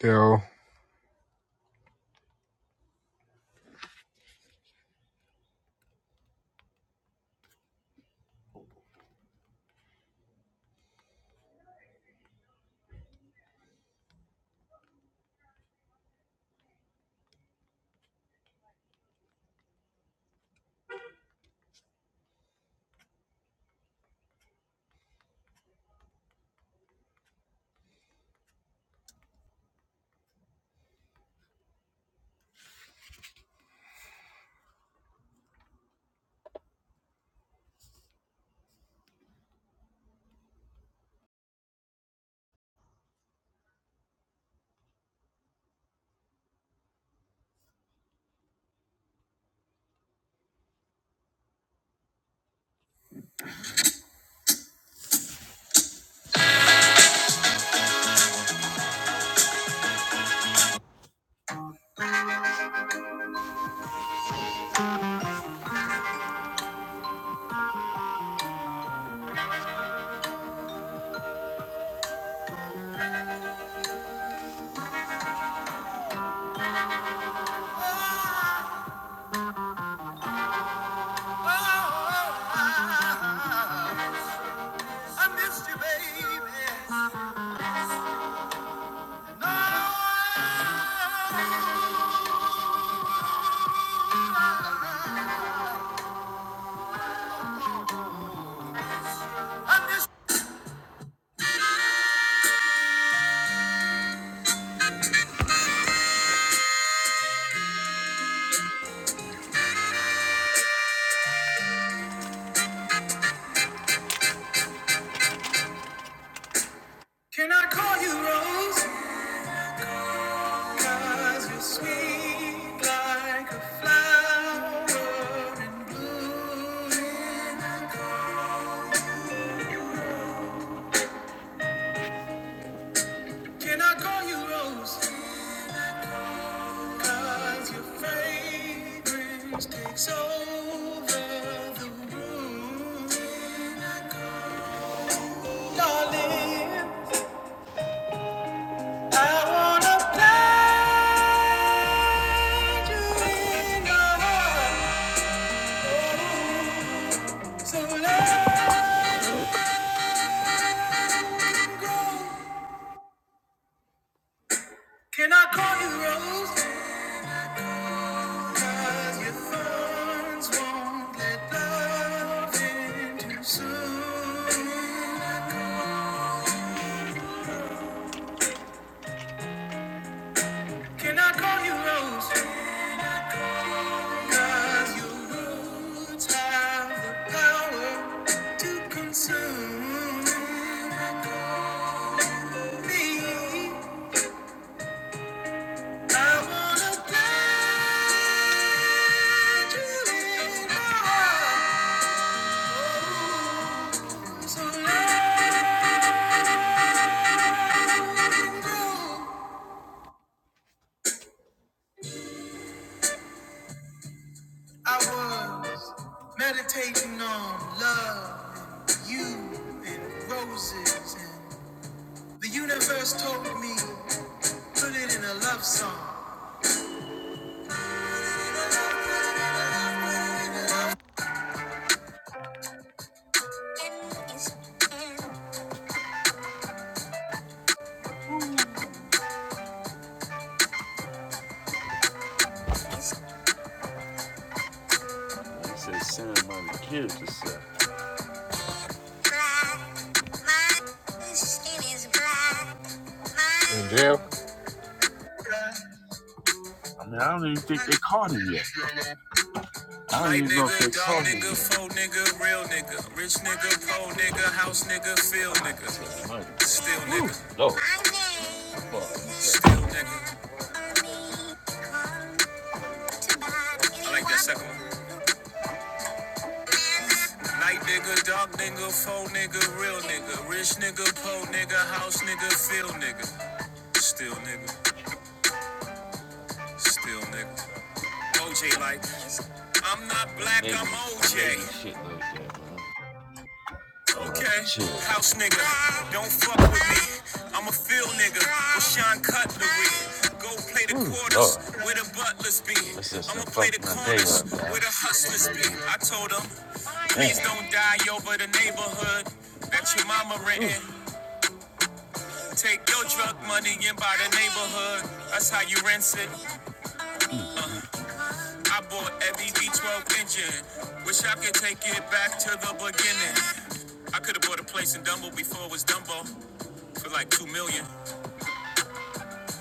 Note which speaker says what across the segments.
Speaker 1: Yo, Can I call you Rose? you you're sweet like a flower in bloom. Can I call you Rose? 'Cause your fragrance takes over the room. Darling, I wanna play you in the So love, can I call you Rose? 'Cause your thorns won't let love in too soon. Can I call you Rose? I wanna let you in. Oh, so long ago, I was meditating on love and you and roses, and the universe told me. Put it in a love song. He says, send him on the kids to suck. I mean, I don't even think they caught it yet. I don't even know if they nigga, dog caught him nigga, yet. Nigga, faux nigga, real nigga, rich nigga, poor nigga, house nigga, field nigga, still nigga, Lord. still nigga. I like that second one. Night nigga, dark nigga, faux nigga, real nigga, rich nigga, poor nigga, house nigga, feel nigga, still nigga, still nigga. OJ like, I'm not black, I'm OJ. Okay, house nigga, don't fuck with me. I'm a field nigga, with Sean Cutlery. Go play the quarters Lord. where the butlers be. I'ma play the fucked day corners up, man. where the hustlers be. I told Damn. please don't die over the neighborhood that your mama Ooh. renting. Take your drug money and buy the neighborhood. That's how you rinse it. I bought every V12 engine. Wish I could take it back to the beginning. I could have bought a place in Dumbo before it was Dumbo for like two million.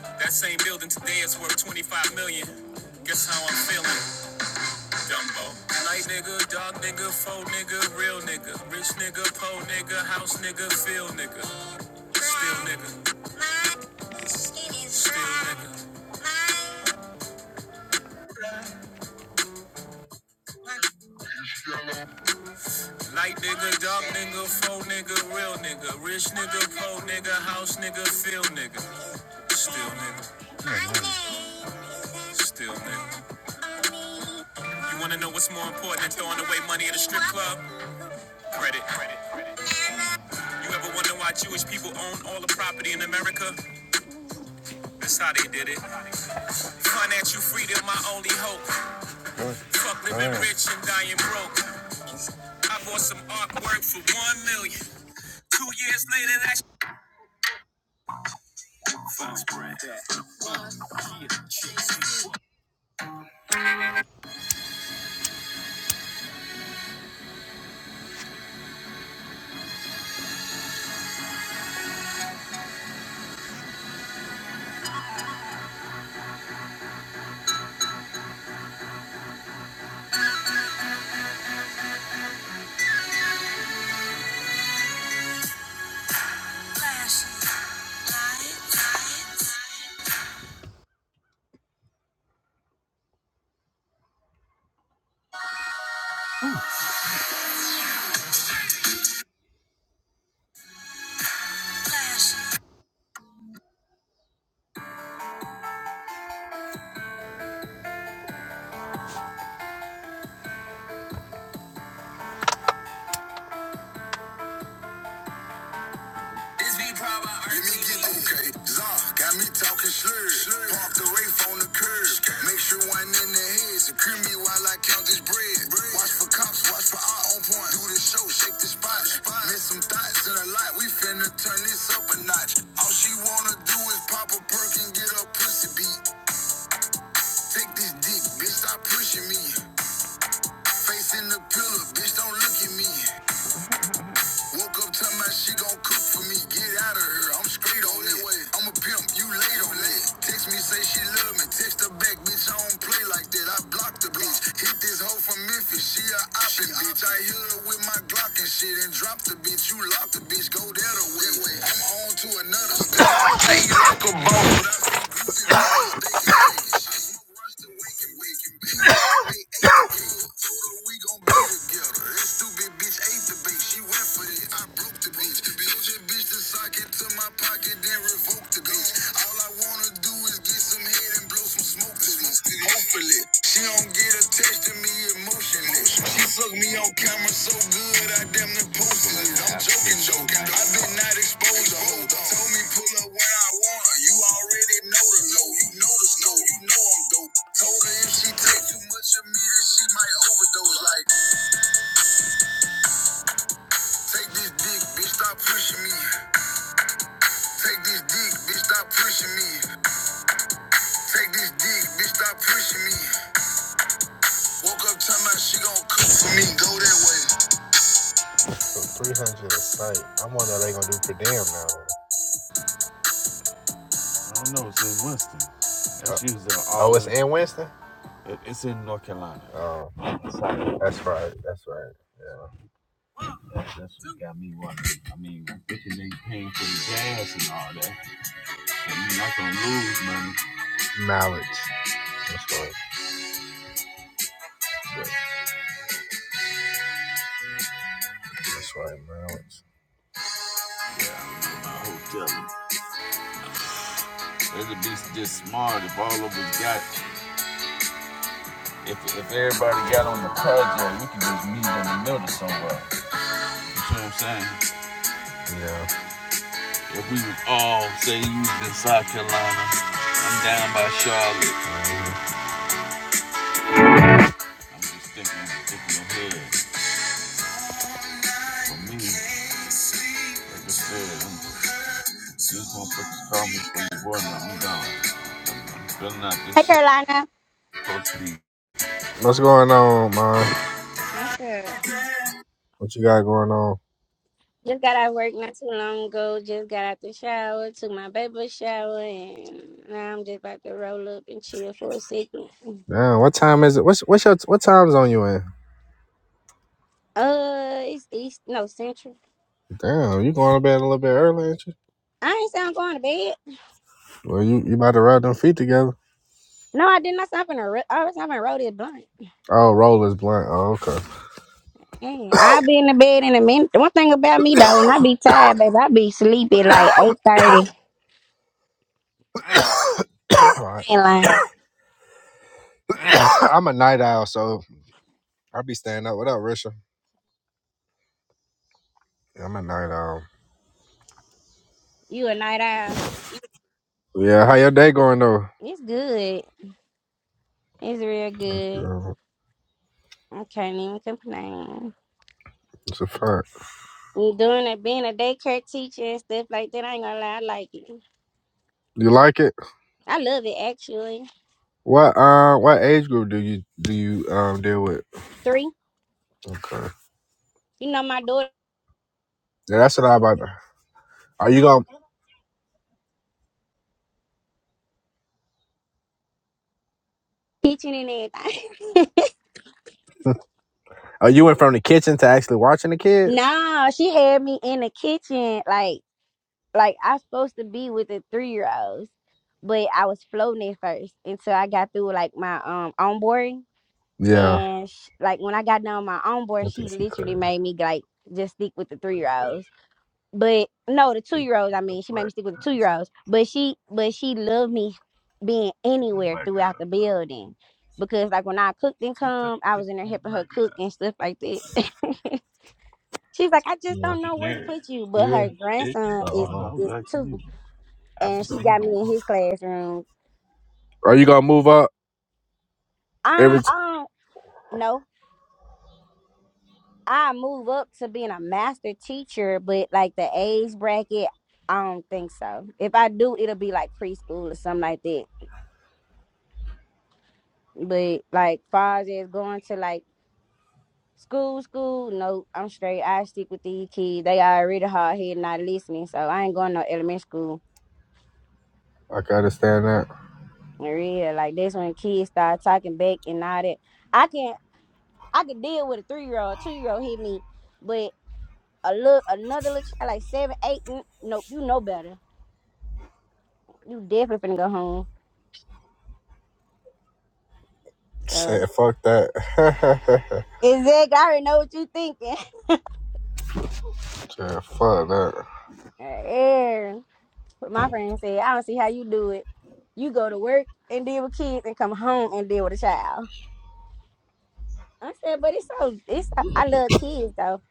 Speaker 1: That same building today is worth 25 million. Guess how I'm feeling, Dumbo. Light nigga, dog nigga, faux nigga, real nigga, rich nigga, po nigga, house nigga, feel nigga, still nigga, still nigga. Light nigga, dark nigga, faux nigga, real nigga, rich nigga, poor nigga, house nigga, feel nigga, still nigga. Still nigga. You wanna know what's more important than throwing away money at a strip club? Credit. You ever wonder why Jewish people own all the property in America? That's how they did it. Financial freedom, my only hope. Fuck living Damn. rich and dying broke. I bought some artwork for one million. Two years later, that shit was bread. This be proud by Let me okay. Zah got me talking slurs. Slurs. the Wraith on the curb. Make sure one in the head. Secure me while I count this bread. Watch for cops, watch for our own point. Do the show, shake the spot. Miss some thoughts in a lot. We finna turn this up a notch. All she wanna do is pop a perk and get her pussy beat. Take this dick, bitch, stop pushing me. Facing the pillar, bitch, don't look at me. Woke up to my she gon' cook for me. Get out of here. I'm straight on it. I'm a pimp. You late on it. Text me, say she love me. Text her back, bitch. I don't play like that. I blocked the bitch. Hit this hoe from Memphis. She a oppin' bitch. I hit her with my Glock and shit and drop the bitch. You lock the bitch. Go there the other way. I'm on to another. Hey, you like a bone. I smoke Rush to wake and wake she do Hopefully, she don't get attached to me emotionally. She sucked me on camera so good, I damn near posted it. I'm joking, joking. I been not exposed to Told me pull up where I want her. You already know the low. You know the snow. You know I'm dope. Told her if she take too much of me, then she might overdose. Like, take this dick, bitch, stop pushing me. Take this dick, bitch, stop pushing me. Take this dick, bitch, stop pushing me. Woke up talking about she gon' cook for me. Go that way. So 300 a site. I wonder they gonna do per damn now. I don't know. It's in Winston. That's Uh, usually oh, it's in Winston. It, it's in North Carolina. Oh, that's right. That's right. Yeah. That, that's what got me wondering. I mean, i ain't paying for the gas and all that, and you're not gonna lose money. Mallards. That's right. Yeah, That's right. Mallards. Yeah, I don't Hotel. It'd be just smart if all of us got, if if everybody got on the project, we could just meet in the middle somewhere. You see what I'm saying? Yeah. If we was all say you was in South Carolina, I'm down by Charlotte. I'm just thinking, thinking ahead. For me, like I said, I'm just gonna put the call me for your boy now. I'm gone. I'm feeling out
Speaker 2: Hi
Speaker 1: this shit
Speaker 2: Carolina.
Speaker 1: supposed to be. What's going on, man?
Speaker 2: I said,
Speaker 1: What you got going on?
Speaker 2: just got out of work not too long ago. Just got out the shower, took my baby a shower, and now I'm just about to roll up and chill for a second.
Speaker 1: Damn, what time is it? What's what's your what time zone you in?
Speaker 2: Uh, it's East, no, Central.
Speaker 1: Damn, you going to bed a little bit early, ain't you?
Speaker 2: I ain't saying I'm going to bed.
Speaker 1: Well, you you about to rub them feet together?
Speaker 2: No, I did not stop in a, I was stopping to roll this blunt.
Speaker 1: Oh, roll is blunt. Oh, okay.
Speaker 2: Dang, I'll be in the bed in a minute. One thing about me, though, when I be tired, baby, I be sleepy like 8.30.
Speaker 1: All right.
Speaker 2: I ain't lying.
Speaker 1: I'm a night owl, so I be staying up. What up, Risha? Yeah, I'm a night owl.
Speaker 2: You a night owl.
Speaker 1: Yeah, how your day going though?
Speaker 2: It's good. It's real
Speaker 1: That's
Speaker 2: good.
Speaker 1: good.
Speaker 2: I can't even complain.
Speaker 1: It's a fun.
Speaker 2: And Doing it, being a daycare teacher and stuff like that, I ain't gonna lie, I like it.
Speaker 1: You like it?
Speaker 2: I love it actually.
Speaker 1: What uh what age group do you do you um deal with?
Speaker 2: Three,
Speaker 1: Okay.
Speaker 2: you know, my daughter
Speaker 1: Yeah, that's what I about to- Are you going
Speaker 2: teaching and everything.
Speaker 1: are you in from the kitchen to actually watching the kids?
Speaker 2: nah, she had me in the kitchen, like, like I was supposed to be with the three year olds, but I was floating at first until I got through like my um onboarding.
Speaker 1: Yeah.
Speaker 2: And sh like when I got done with my
Speaker 1: I
Speaker 2: onboarding, she
Speaker 1: think she
Speaker 2: literally
Speaker 1: crazy.
Speaker 2: made me like just stick with the three
Speaker 1: What
Speaker 2: year
Speaker 1: is that?
Speaker 2: olds. but no, the two
Speaker 1: It's
Speaker 2: year olds. I
Speaker 1: a
Speaker 2: mean, she made me
Speaker 1: black
Speaker 2: stick with the two year olds, but she, but she loved me being
Speaker 1: a
Speaker 2: anywhere
Speaker 1: black guy,
Speaker 2: throughout the
Speaker 1: bro.
Speaker 2: building because, like, when I cooked and
Speaker 1: She's a
Speaker 2: come, I
Speaker 1: big
Speaker 2: was in there helping
Speaker 1: black
Speaker 2: her cook
Speaker 1: guy.
Speaker 2: and stuff like that. She's like, I just
Speaker 1: Yeah.
Speaker 2: don't
Speaker 1: She's
Speaker 2: know where to
Speaker 1: married.
Speaker 2: put you, but
Speaker 1: Yeah.
Speaker 2: her
Speaker 1: Yeah.
Speaker 2: grandson is is
Speaker 1: So, uh,
Speaker 2: two, and she got me in his classroom.
Speaker 1: Are you gonna move up?
Speaker 2: I,
Speaker 1: every?
Speaker 2: I don't know. I move up to being a master teacher, but like the age bracket, I don't think so. If I do, it'll be like preschool or something like that But like far as it's going to like school, school, no, I'm straight. I stick with these kids. They already hard headed, not listening. So I ain't going no elementary school.
Speaker 1: I can understand that.
Speaker 2: In real, like that's when kids start talking back and all that. I can I can deal with a three year old, two year old hit me, but a look another little child like seven, eight, n- nope, you know better. You definitely finna go home. So
Speaker 1: Say fuck that.
Speaker 2: exactly, I already know what you thinking.
Speaker 1: Said fuck that.
Speaker 2: Yeah. But my friend said, I don't see how you do it. You go to work and deal with kids and come home and deal with a child. I said, but it's so it's I love kids though.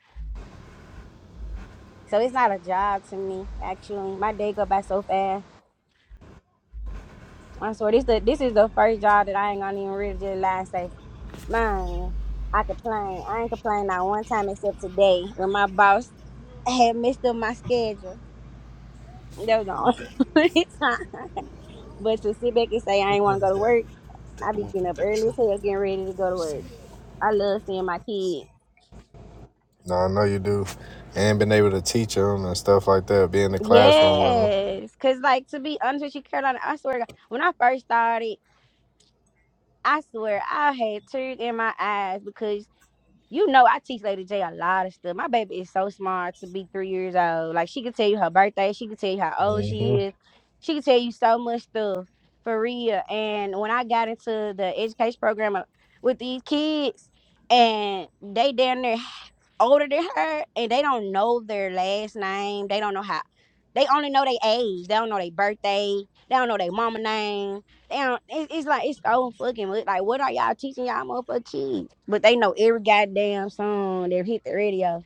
Speaker 2: So it's not a job to me, actually. My day go by so fast. I swear this the this is the first job that I ain't gonna even really just lie and say, Man, I complain. I ain't complained not one time except today when my boss had messed up my schedule. That was the only time. But to sit back and say I ain't wanna go to work, I be getting up early as hell getting ready to go to work. I love seeing my kids.
Speaker 1: No, I know you do. And been able to teach them and stuff like that, be in the classroom with them.
Speaker 2: Yes, cause like to be honest with you, Carolina, I swear to God, when I first started, I swear I had tears in my eyes because You know, I teach Lady J a lot of stuff. My baby is so smart to be three years old. Like she can tell you her birthday, she can tell you how old
Speaker 1: hmm
Speaker 2: she is, she can tell you so much stuff for real. And when I got into the education program uh, with these kids, and they down there older than her, and they don't know their last name, they don't know how. They only know their age. They don't know their birthday. They don't know their mama name damn, it's, it's like it's so fucking weird. Like, what are y'all teaching y'all motherfucking kids? But they know every goddamn song that hit the radio,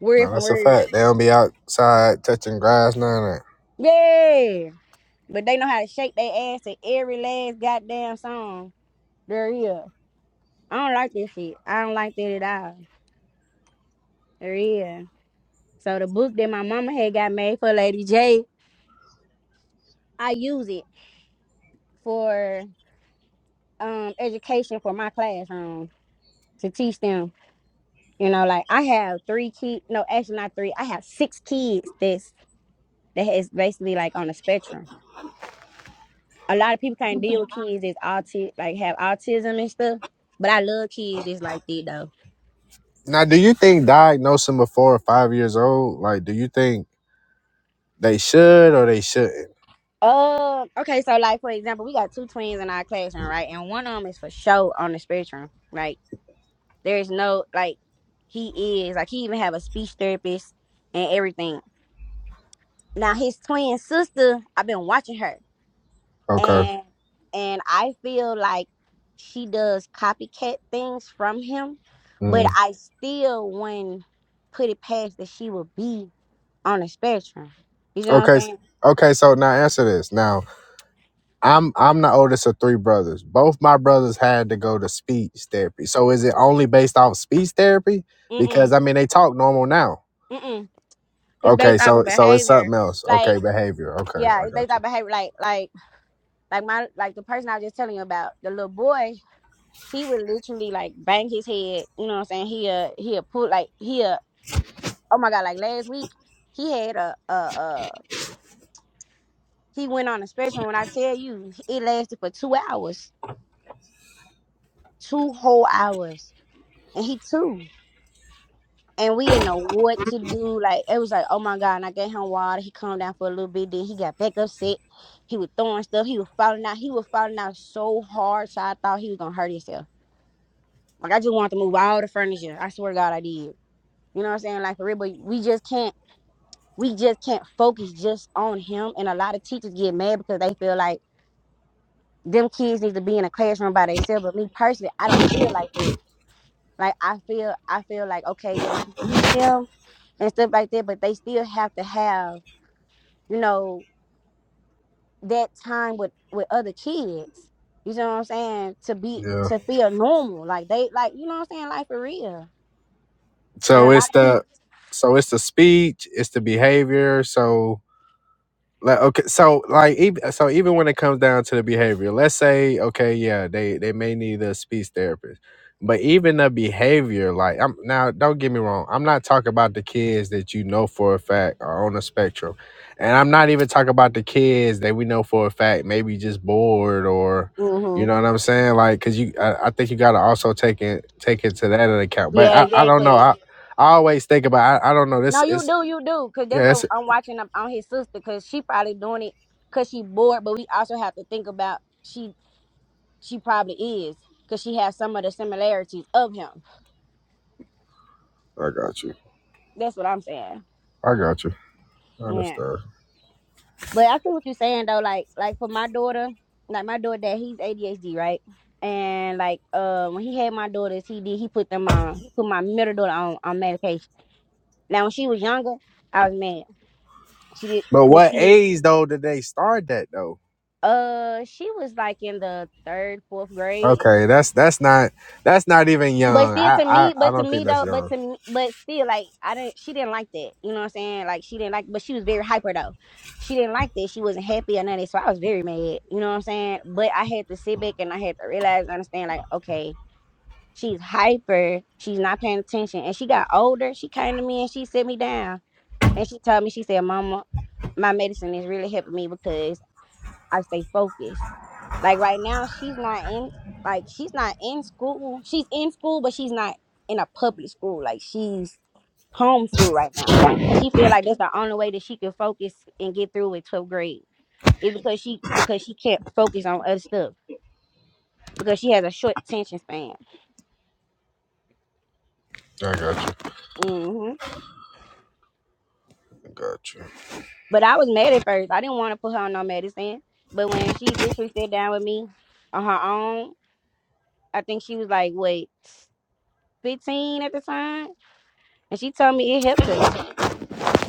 Speaker 2: word
Speaker 1: No,
Speaker 2: from
Speaker 1: that's a
Speaker 2: word.
Speaker 1: fact. They don't be outside touching grass, none of that.
Speaker 2: Yeah, but they know how to shake their ass to every last goddamn song there is. I don't like this shit. I don't like that at all. There is. So the book that my mama had got made for Lady J, I use it for um education for my classroom to teach them You know, like I have three kids. No, actually not three. I have six kids. This that is basically like on the spectrum. A lot of people can't deal with kids that's auti like have autism and stuff. But I love kids that's like that though.
Speaker 1: Now, do you think diagnosing before five years old, like, do you think they should or they shouldn't?
Speaker 2: Uh, okay, so like for example, we got two twins in our classroom, right? And one of them is for show on the spectrum. Like there is no like he is like he even have a speech therapist and everything. Now his twin sister, I've been watching her.
Speaker 1: Okay.
Speaker 2: and and I feel like she does copycat things from him, but
Speaker 1: Mm.
Speaker 2: I still wouldn't put it past that she would be on the spectrum. You know what I'm
Speaker 1: Okay.
Speaker 2: saying?
Speaker 1: Okay. So now answer this. Now, I'm I'm the oldest of three brothers. Both my brothers had to go to speech therapy. So is it only based off speech therapy?
Speaker 2: Mm
Speaker 1: Because
Speaker 2: mm
Speaker 1: I mean they talk normal now.
Speaker 2: mm mm. It's
Speaker 1: Okay,
Speaker 2: based off of
Speaker 1: so so it's
Speaker 2: behavior.
Speaker 1: something else.
Speaker 2: Like
Speaker 1: Okay, behavior. Okay,
Speaker 2: yeah,
Speaker 1: I
Speaker 2: it's based
Speaker 1: got
Speaker 2: off
Speaker 1: you.
Speaker 2: behavior. Like like like my like the person I was just telling you about, the little boy. He would literally like bang his head. You know what I'm saying? He uh he a pull like he a oh my god like last week he had a a a He went on a spectrum. When I tell you, it lasted for two hours, two whole hours, and he too. And we didn't know what to do. Like it was like, oh my god! And I gave him water. He calmed down for a little bit. Then he got back upset. He was throwing stuff. He was falling out. He was falling out so hard. So I thought he was gonna hurt himself. Like I just wanted to move all the furniture. I swear to God, I did. You know what I'm saying? Like for real, but we just can't we just can't focus just on him. And a lot of teachers get mad because they feel like them kids need to be in a classroom by themselves. But me personally, I don't feel like that. Like I feel, I feel like okay, yeah, you can teach them and stuff like that, but they still have to have, you know, that time with with other kids. You know what I'm saying? To be
Speaker 1: Yeah.
Speaker 2: to feel normal, like they like, you know what I'm saying? like for real. And a
Speaker 1: So it's
Speaker 2: lot of
Speaker 1: the
Speaker 2: people.
Speaker 1: so it's the speech, it's the behavior. So Like okay, so like even so even when it comes down to the behavior, let's say okay, yeah, they they may need a speech therapist, but even the behavior, like I'm now, don't get me wrong, I'm not talking about the kids that you know for a fact are on the spectrum, and I'm not even talking about the kids that we know for a fact maybe just bored or, you
Speaker 2: hmm
Speaker 1: know what I'm saying, like because you, I, I think you got to also take it take it to that into account. But
Speaker 2: Yeah,
Speaker 1: I, I don't know,
Speaker 2: exactly.
Speaker 1: I I always think about I, I don't know this
Speaker 2: No, you
Speaker 1: it's
Speaker 2: do, you do, cause that's
Speaker 1: yeah
Speaker 2: what
Speaker 1: it's
Speaker 2: I'm watching up on his sister, cause she probably doing it, cause she bored. But we also have to think about she She probably is because she has some of the similarities of him.
Speaker 1: I got you
Speaker 2: That's what I'm saying.
Speaker 1: I got you. I
Speaker 2: Yeah.
Speaker 1: understand.
Speaker 2: But I see what you're saying though, like like for my daughter, like my daughter dad, he's ADHD, right? And like uh when he had my daughters, he did he put them on he put my middle daughter on on medication. Now when she was younger, I was mad. She did
Speaker 1: But
Speaker 2: because
Speaker 1: what
Speaker 2: she was
Speaker 1: age though did they start that though?
Speaker 2: uh she was like in the third, fourth grade
Speaker 1: Okay, that's that's not that's not even
Speaker 2: But
Speaker 1: young.
Speaker 2: still,
Speaker 1: I
Speaker 2: to
Speaker 1: I,
Speaker 2: me,
Speaker 1: I
Speaker 2: but to
Speaker 1: don't think
Speaker 2: me
Speaker 1: that's
Speaker 2: though, but
Speaker 1: young.
Speaker 2: to me, but still, like I didn't. She didn't like that. You know what I'm saying? Like she didn't like, but she was very hyper though. She didn't like that. She wasn't happy or nothing. So I was very mad. You know what I'm saying? But I had to sit back and I had to realize, and understand, like okay, she's hyper. She's not paying attention. And she got older. She came to me and she set me down and she told me, she said, "Mama, my medicine is really helping me because I stay focused. Like right now, she's not in like she's not in school. She's in school, but she's not in a public school. Like she's homeschooled right now. And she feel like that's the only way that she can focus and get through with 12th grade. Is because she because she can't focus on other stuff because she has a short attention span.
Speaker 1: I got you.
Speaker 2: hmm
Speaker 1: I got you.
Speaker 2: But I was mad at first. I didn't want to put her on no medicine. But when she literally sat down with me on her own, I think she was like, wait, 15 at the time And she told me it helped her.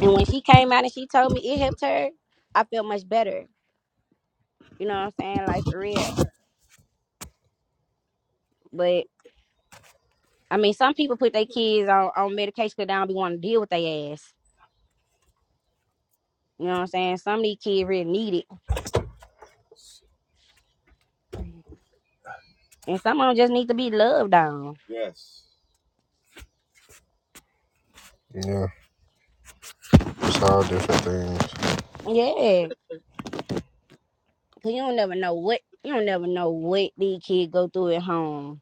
Speaker 2: And when she came out and she told me it helped her, I felt much better. You know what I'm saying? Like for real. But I mean, some people put their kids on, on medication 'cause they don't be wanting to deal with their ass. You know what I'm saying? Some of these kids really need it. And some of them just need to be loved on.
Speaker 1: Yeah, it's all different things.
Speaker 2: Yeah. Cause you don't never know what you don't never know what these kids go through at home.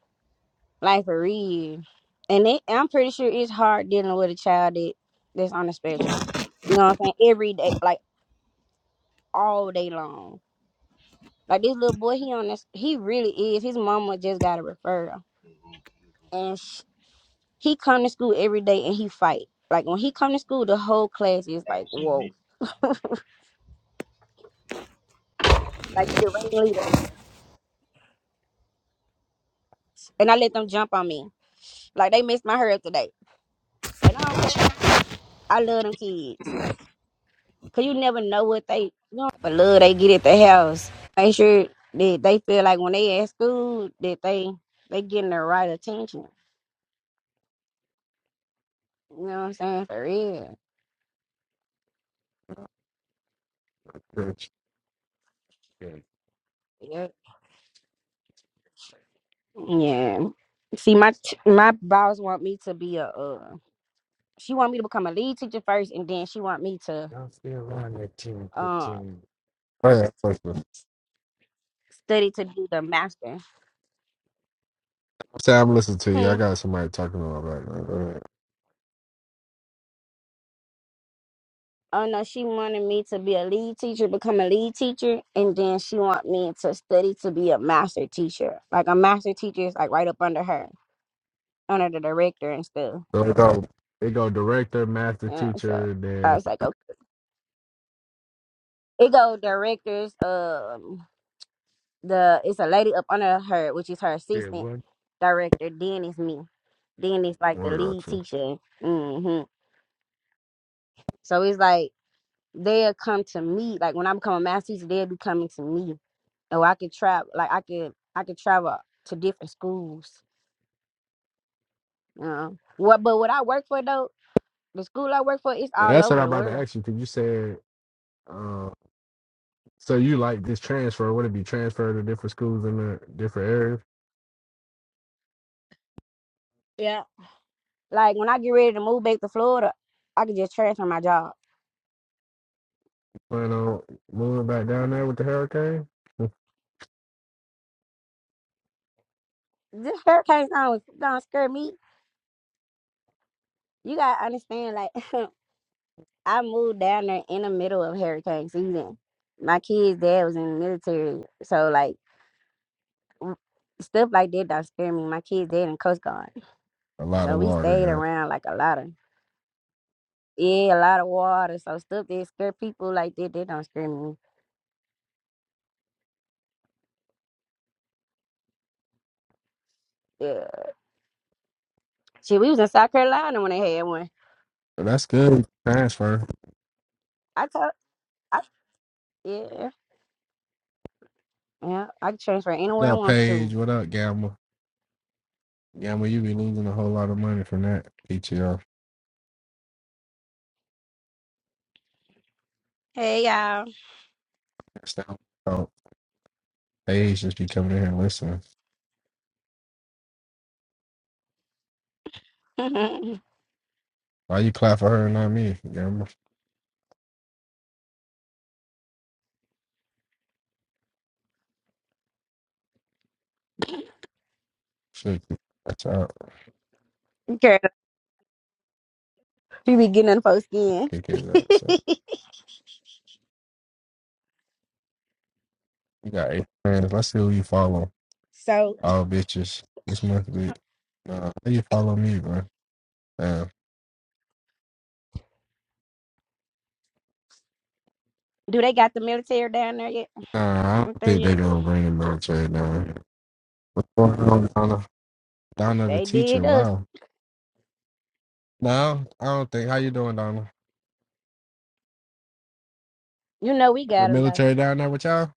Speaker 2: Like for real. And it, I'm pretty sure it's hard dealing with a child that, that's on the spectrum. You know what I'm saying? Every day, like all day long. Like this little boy, he on this, he really is. His mama just got a referral, and sh he come to school every day and he fight. Like when he come to school, the whole class is like, whoa, like he the ringleader. And I let them jump on me, like they messed my hair up today. But I don't care. I love them kids, cause you never know what they, you know, but love they get at the house. Make sure that they feel like when they at school that they they getting the right attention. You know what I'm saying? For real. yeah. Yeah. See, my t- my boss want me to be a. Uh, she want me to become a lead teacher first, and then she want me to uh,
Speaker 1: All right, listen.
Speaker 2: study to do the master.
Speaker 1: Say I'm listening to you. I
Speaker 2: Hmm.
Speaker 1: got somebody talking to my background. All right.
Speaker 2: Oh no, she wanted me to be a lead teacher, become a lead teacher, and then she want me to study to be a master teacher. Like a master teacher is like right up under her, under the director and stuff.
Speaker 1: now. Go ahead. So it go, it go director, master
Speaker 2: You know, so
Speaker 1: teacher,
Speaker 2: I
Speaker 1: then
Speaker 2: was like, okay, it go directors. Um, the it's a lady up under her, which is her
Speaker 1: shit.
Speaker 2: assistant.
Speaker 1: What?
Speaker 2: director. Then it's me. Then it's like the
Speaker 1: I
Speaker 2: lead
Speaker 1: got you.
Speaker 2: teacher. hmm So it's like they'll come to me. Like when I become a math teacher, they'll be coming to me. Oh, I could travel. Like I could, I could travel to different schools. Uh, what? But what I work for though, the school I work for, it's all over the world.
Speaker 1: Yeah,
Speaker 2: Yeah. Like when I get ready to move back to Florida, I could just transfer my job.
Speaker 1: Moving back down there with the hurricane.
Speaker 2: This hurricane don't don't scare me. You gotta understand, like I moved down there in the middle of hurricane season. My kids' dad was in the military, so like w- stuff like that don't scare me. My kids' dad in Coast Guard,
Speaker 1: A lot
Speaker 2: so
Speaker 1: of
Speaker 2: we
Speaker 1: water,
Speaker 2: stayed
Speaker 1: yeah.
Speaker 2: around like a lot of yeah, a lot of water. So stuff that scare people like that, that don't scare me. Yeah, shit, we was in South Carolina when they had one.
Speaker 1: But that's good transfer.
Speaker 2: I told, I yeah, yeah, I can transfer
Speaker 1: What
Speaker 2: anywhere I
Speaker 1: up,
Speaker 2: want to.
Speaker 1: Paige? What up, Gamble? Gamble, you be losing a whole lot of money from that PTO.
Speaker 2: Hey y'all,
Speaker 1: That's that talk. Paige just be going,
Speaker 2: girl,
Speaker 1: shit, that's out.
Speaker 2: you be getting on the folks' skin.
Speaker 1: PTO. You got eight friends. Let's see who you follow.
Speaker 2: So,
Speaker 1: All bitches. This month, bitch. Nah, who you follow me, bro? Damn.
Speaker 2: do they got the military down there yet?
Speaker 1: Nah, I
Speaker 2: Up
Speaker 1: don't
Speaker 2: there
Speaker 1: think
Speaker 2: yet?
Speaker 1: they gonna bring the military down. here. What's going on, Donna? Donna, the
Speaker 2: They
Speaker 1: teacher.
Speaker 2: did us.
Speaker 1: Oh, No, I don't think. How you doing, Donna?
Speaker 2: You know, we got
Speaker 1: The
Speaker 2: them though.
Speaker 1: military down there with y'all?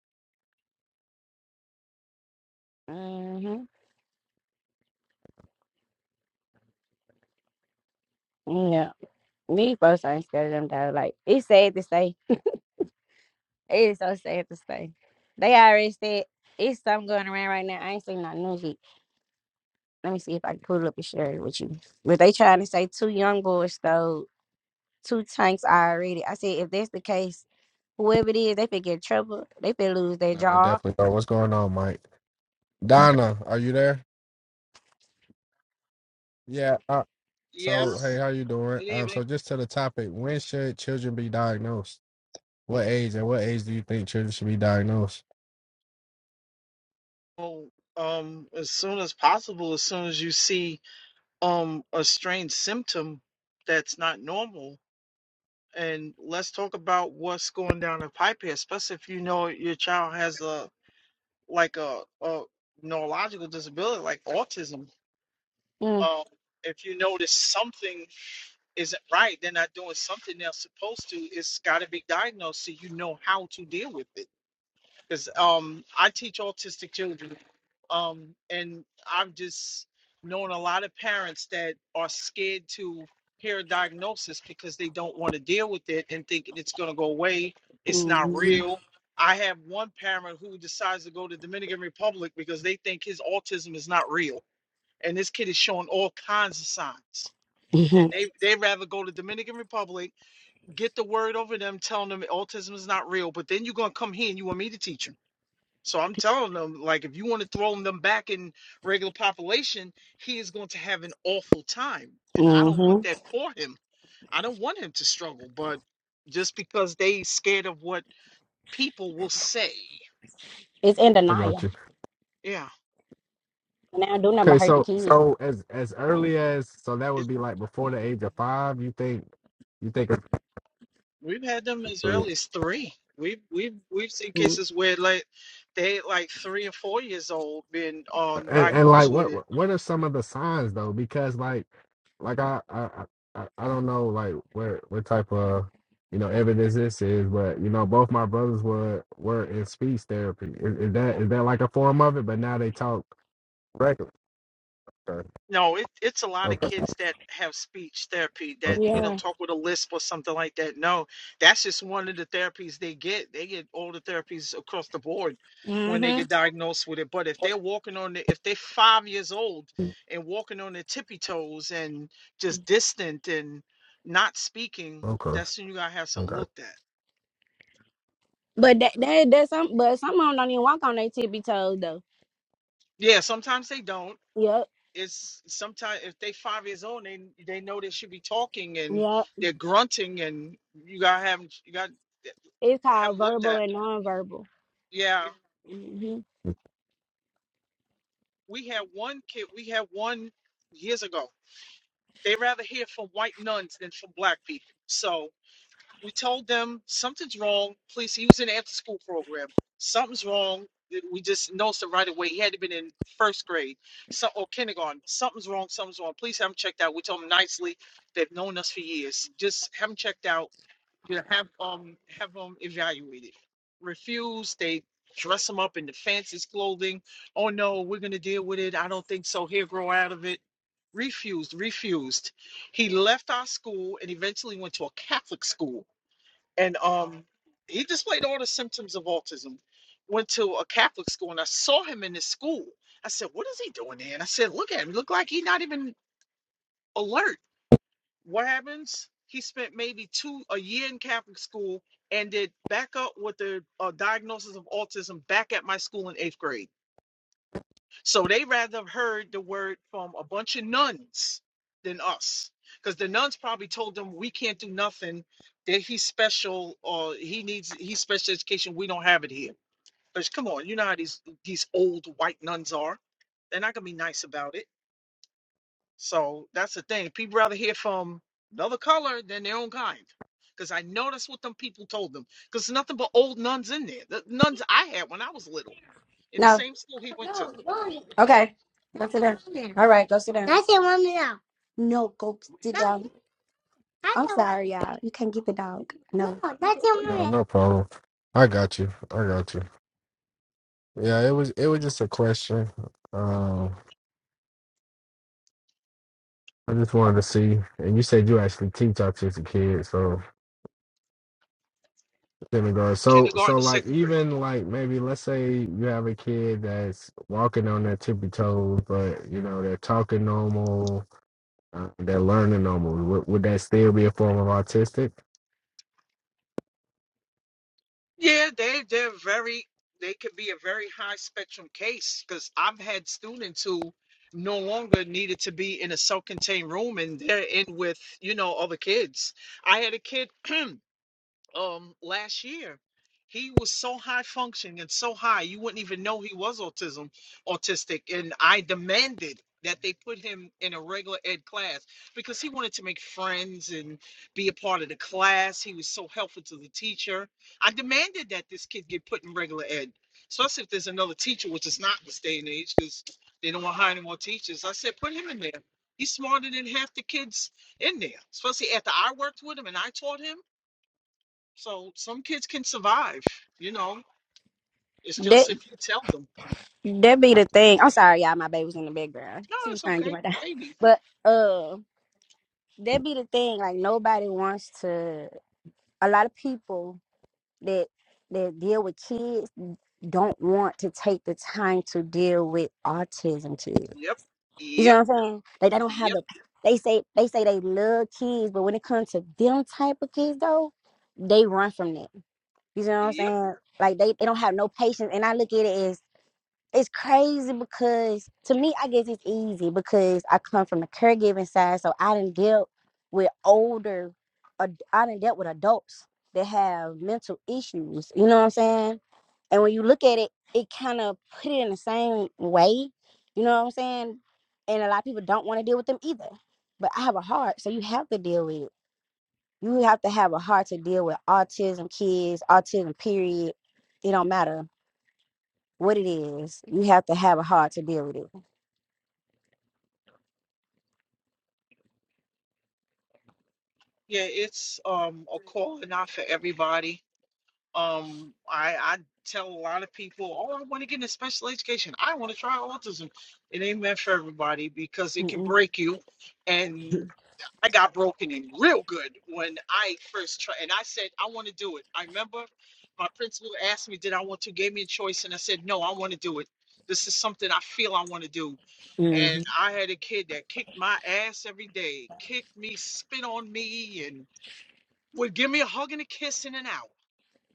Speaker 2: hmm Yeah. These folks ain't scared of them though. Like, it's sad to say. It is so sad to say. They already said it's something going around right now. I ain't seen no news yet. Let me see if I can pull it up and share it with you. But they trying to say two young boys stole two tanks already. I said, if that's the case, whoever it is, they could get in trouble. They could lose their
Speaker 1: No, they
Speaker 2: job.
Speaker 1: definitely don't. What's going on, Mike? Donna, are you there? Yeah, I So, hey, how you doing? Um, so just to the topic, when should children be diagnosed? What age and what age do you think children should be diagnosed?
Speaker 2: Mm-hmm. hmm hmm It's in
Speaker 1: I got
Speaker 2: denial.
Speaker 1: you.
Speaker 2: And I do number
Speaker 1: Okay,
Speaker 2: hurt the
Speaker 1: so
Speaker 2: kid.
Speaker 1: so as as early as so that would be like before the age of five. You think you think it's
Speaker 2: Mm.
Speaker 1: like like uh, uh, you know correct? Okay, okay,
Speaker 2: Yeah. hmm
Speaker 1: okay.
Speaker 2: But that that that's some but some of them don't even walk on their tippy toes though. Yep, yep. It's called verbal and nonverbal. Mm-hmm. No. Okay. Go sit down. All right, go sit down. No, go sit down. I'm sorry, y'all. You can't get the dog. No.
Speaker 1: no
Speaker 2: That
Speaker 1: no problem. I got you. I got you. Yeah, it was it was just a question. Um, I just wanted to see, and you said you actually teach autistic kids, so in So so like even like maybe let's say you have a kid that's walking on their tippy toes, but you know they're talking normal, uh, they're learning normal.
Speaker 2: that be the thing. I'm sorry, y'all. My baby was in the background. She was trying to get my dog. But uh, that be the thing. Like nobody wants to. A lot of people. that that deal with kids don't want to take the time to deal with autism kids. You know what I'm saying? Like they don't have the they say they say they love kids, but when it comes to them type of kids though, they run from that. You know what I'm saying? Like they, they don't have no patience. And I look at it as it's crazy because to me, I guess it's easy because I come from the caregiving side, so I didn't deal with older, ad- I didn't dealt with adults that have mental issues. You know what I'm saying? And when you look at it, it kind of put it in the same way. You know what I'm saying? And a lot of people don't want to deal with them either. But I have a heart, so you have to deal with it. You have to have a heart to deal with autism kids, autism period. It don't matter what it is. You have to have a heart to deal with it. Mm-mm. Mm-hmm.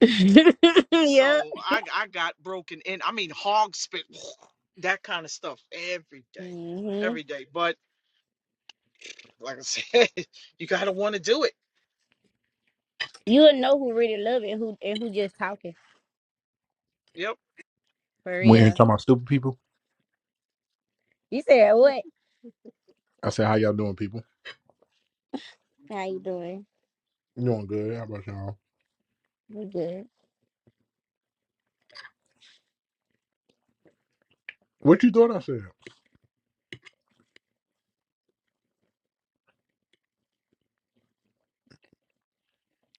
Speaker 2: yeah. hmm You'll know who really love it, who and who just talking for
Speaker 3: When you're
Speaker 2: real.
Speaker 3: talking about stupid people,
Speaker 2: You said what?
Speaker 3: I said, "How y'all doing, people?
Speaker 2: How you doing?
Speaker 3: You doing good? How about y'all?
Speaker 2: We good.
Speaker 3: What you thought I said?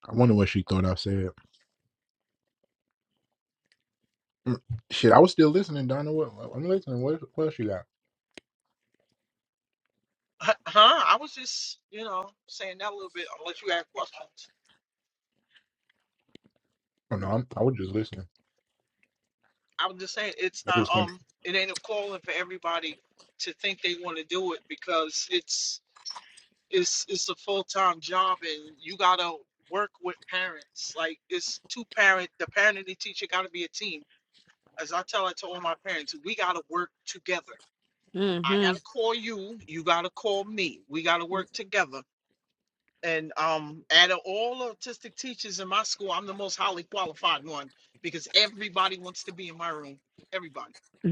Speaker 3: I wonder what she thought I said. Mm, Shit, I was still listening, Donna. What, I'm listening. What, what else she got? Oh no, I'm, I was just listening. I just couldn't.
Speaker 2: Mm-hmm.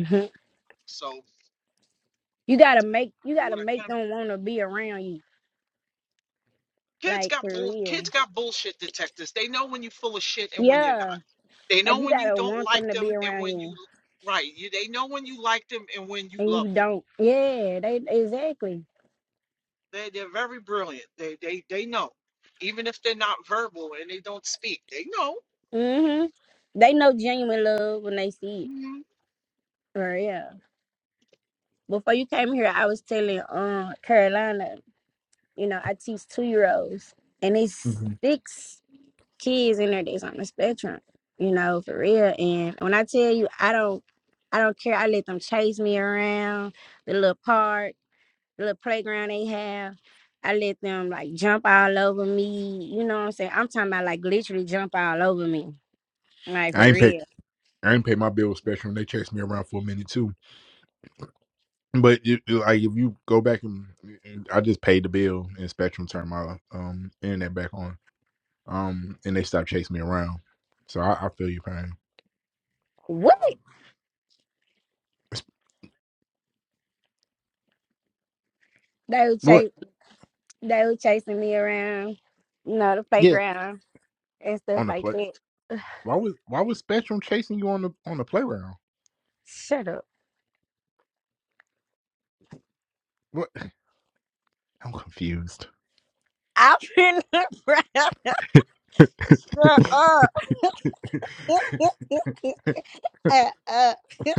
Speaker 2: hmm You gotta make you gotta make them wanna be around you, like for real. Yeah, like you gotta want them to be around you, and you don't. Yeah, they exactly. hmm They know genuine love when they see it for real. before you came here, I was telling um Carolina, you know, I teach two year olds and it's
Speaker 3: Mhm.
Speaker 2: six kids in there that's on the spectrum, you know, for real. And when I tell you I don't I don't care, I let them chase me around the little park, the little playground they have. I let them like jump all over me. You know what I'm saying? I'm talking about like literally jump all over me. Like
Speaker 3: I
Speaker 2: for
Speaker 3: ain't pay.
Speaker 2: real.
Speaker 3: I ain't pay my bill with Spectrum. They chased me around for a minute too. But you, you- like, if you go back and and I just paid the bill, and Spectrum turned my um internet back on. Um, and they stopped chasing me around. So I, I feel your pain.
Speaker 2: What?
Speaker 3: It's-
Speaker 2: They were
Speaker 3: What?
Speaker 2: chase they were chasing me around, you know, the
Speaker 3: Yeah,
Speaker 2: playground. and stuff
Speaker 3: on the
Speaker 2: like
Speaker 3: play.
Speaker 2: that.
Speaker 3: Why was why was Spectrum chasing you on the on the playground?
Speaker 2: Shut up.
Speaker 3: What? I'm confused.
Speaker 2: I'm in Shut up. uh, uh.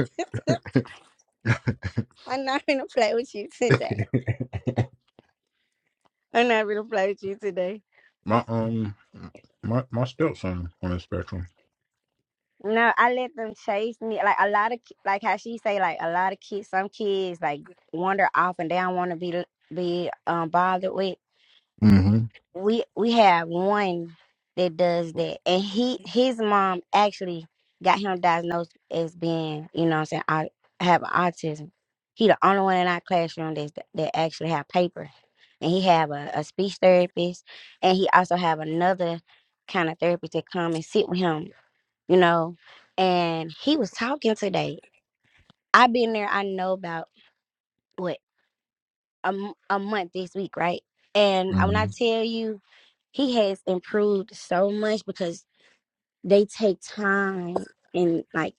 Speaker 2: I'm not gonna play with you today. I'm not gonna play with you today.
Speaker 3: my um my my stepson on the spectrum.
Speaker 2: No, I let them chase me. Like a lot of, ki- like how she say, like a lot of kids. Some kids like wander off and they don't want to be be um bothered with.
Speaker 3: Mm-hmm.
Speaker 2: we we have one that does that and he his mom actually got him diagnosed as being you know what i'm saying i have autism he the only one in our classroom that's, that actually have paper and he have a, a speech therapist and he also have another kind of therapist that come and sit with him you know and he was talking today i've been there i know about what a, m- a month this week, right? And when I
Speaker 3: Mm-hmm.
Speaker 2: tell you, he has improved so much because they take time and like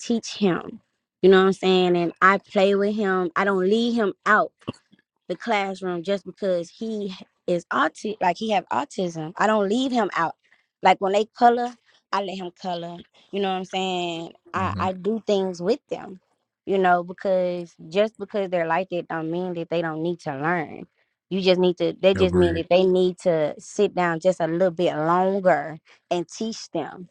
Speaker 2: teach him. You know what I'm saying? And I play with him. I don't leave him out the classroom just because he is auti- like he have autism. I don't leave him out. Like when they color, I let him color. You know what I'm saying? I I
Speaker 3: Mm-hmm.
Speaker 2: do things with them. You know, because just because they're like that don't mean that they don't need to learn. You just need to they just mean
Speaker 3: Agreed.
Speaker 2: that they need to sit down just a little bit longer and teach them.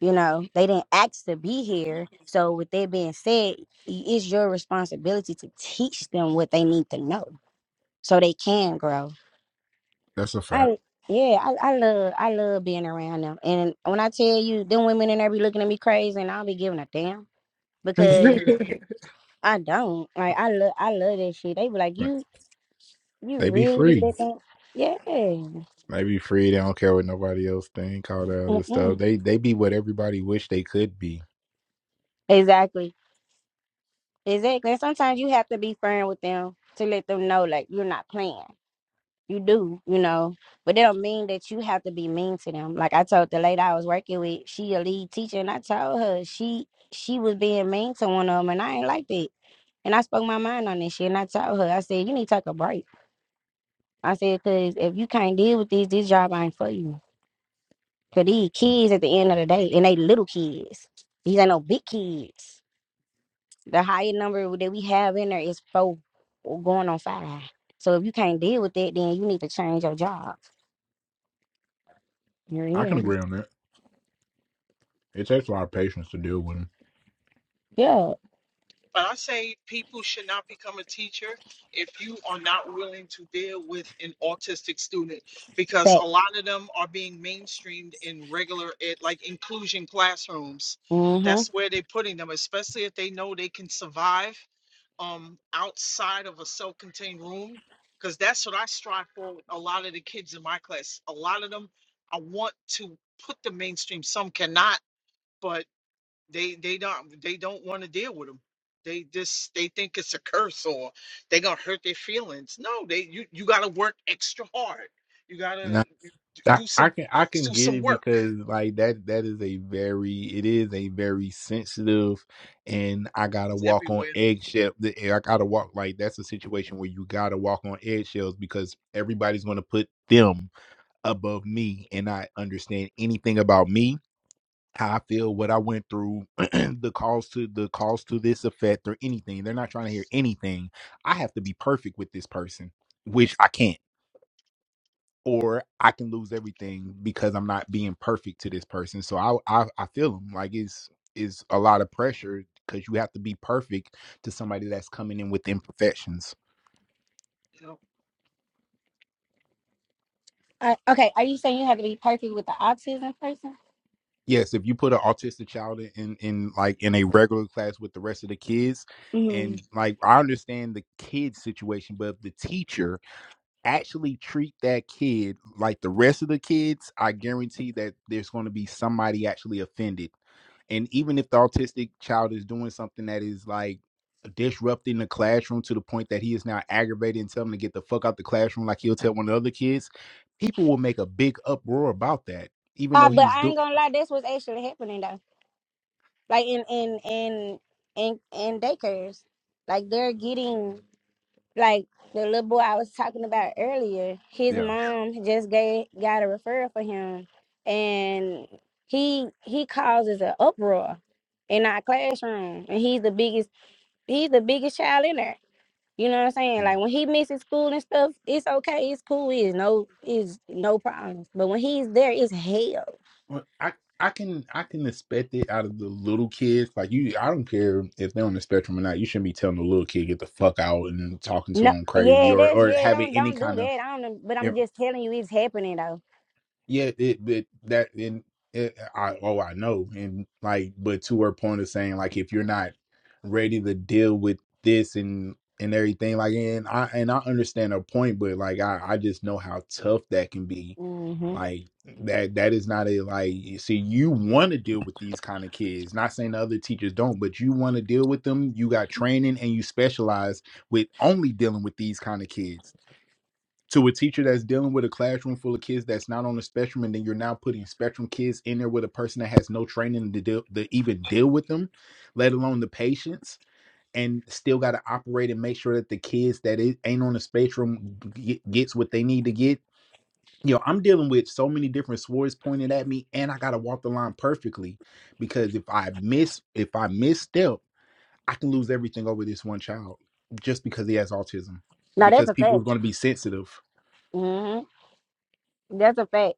Speaker 2: You know, they didn't ask to be here. So with that being said, i- it's your responsibility to teach them what they need to know so they can grow.
Speaker 3: That's a fact.
Speaker 2: I yeah, I, I love I love being around them. And when I tell you them women in there be looking at me crazy and I'll be giving a damn because Mm. I don't. Like I love I love that shit. They be like, You you
Speaker 3: they be
Speaker 2: really
Speaker 3: free.
Speaker 2: let that Yeah.
Speaker 3: They be free. They don't care what nobody else think. All that other stuff.
Speaker 2: Mm-mm.
Speaker 3: They they be what everybody wish they could be.
Speaker 2: Exactly. Exactly. And sometimes you have to be firm with them to let them know like you're not playing. you do, you know, but that don't mean that you have to be mean to them. Like I told the lady I was working with, she a lead teacher, and I told her she she was being mean to one of them, and I ain't like that. And I spoke my mind on this shit, and I told her, I said, you need to take a break. I said, because if you can't deal with this, this job ain't for you. Because these kids at the end of the day, and they little kids. These ain't no big kids. The higher number that we have in there is four or going on five. So if you can't deal with that, then you need to change your job. You're
Speaker 3: I can agree
Speaker 2: here.
Speaker 3: on that. It takes a lot of patience to deal with
Speaker 2: Yeah. Facts. Mm-hmm.
Speaker 3: them. I, I can I can get it because like that that is a very it is a very sensitive and I gotta walk on eggshell I gotta walk like that's a situation where you gotta walk on eggshells because everybody's gonna put them above me and I understand anything about me how I feel what I went through the cause to the cause to this effect or anything they're not trying to hear anything I have to be perfect with this person which I can't or I can lose everything because I'm not being perfect to this person. So I I, I feel them like it's it's a lot of pressure because you have to be perfect to somebody that's coming in with imperfections.
Speaker 2: Uh, okay, are you saying you have to be perfect with the autism person?
Speaker 3: Yes, if you put an autistic child in, in in like in a regular class with the rest of the kids,
Speaker 2: Mhm.
Speaker 3: and like I understand the kid situation, but if the teacher actually treat that kid like the rest of the kids, I guarantee that there's going to be somebody actually offended and even if the autistic child is doing something that is like disrupting the classroom to the point that he is now aggravated and tell him to get the fuck out the classroom like he'll tell one of the other kids people will make a big uproar about that even
Speaker 2: Uh,
Speaker 3: though
Speaker 2: but
Speaker 3: he's
Speaker 2: I
Speaker 3: doing
Speaker 2: ain't gonna lie, that's what's actually happening though. Like in in in in in daycares, like they're getting like the little boy I was talking about earlier. His
Speaker 3: yeah
Speaker 2: mom just gave got a referral for him, and he he causes an uproar in our classroom, and he's the biggest he's the biggest child in there. You know what I'm saying?
Speaker 3: Mm.
Speaker 2: Like when he misses school and stuff, it's okay, it's cool, it's no, it's no problems. But when he's there, it's hell.
Speaker 3: Well, I I can I can expect it out of the little kids. Like you, I don't care if they're on the spectrum or not. You shouldn't be telling the little kid get the fuck out and talking to
Speaker 2: No,
Speaker 3: them crazy
Speaker 2: yeah,
Speaker 3: or
Speaker 2: that's
Speaker 3: or
Speaker 2: yeah.
Speaker 3: having
Speaker 2: Don't
Speaker 3: any
Speaker 2: don't do
Speaker 3: kind of
Speaker 2: that. I don't. know, But
Speaker 3: yeah
Speaker 2: I'm just telling you, it's happening though.
Speaker 3: yeah it, it that and it, I oh I know and like but to her point of saying like if you're not ready to deal with this and and everything like and I and I understand her point but like I I just know how tough that can be
Speaker 2: hmm
Speaker 3: like that that is not a like you see you want to deal with these kind of kids. Not saying the other teachers don't, but you want to deal with them. You got training and you specialize with only dealing with these kind of kids. To a teacher that's dealing with a classroom full of kids that's not on the spectrum, and then you're now putting spectrum kids in there with a person that has no training to deal to even deal with them, let alone the patience, and still got to operate and make sure that the kids that it ain't on the spectrum g- gets what they need to get you know, I'm dealing with so many different swords pointed at me, and I gotta walk the line perfectly because if I miss, if I misstep, I can lose everything over this one child just because he has autism.
Speaker 2: No, that's
Speaker 3: Because
Speaker 2: a
Speaker 3: people are
Speaker 2: fact.
Speaker 3: gonna be sensitive.
Speaker 2: hmm That's a fact.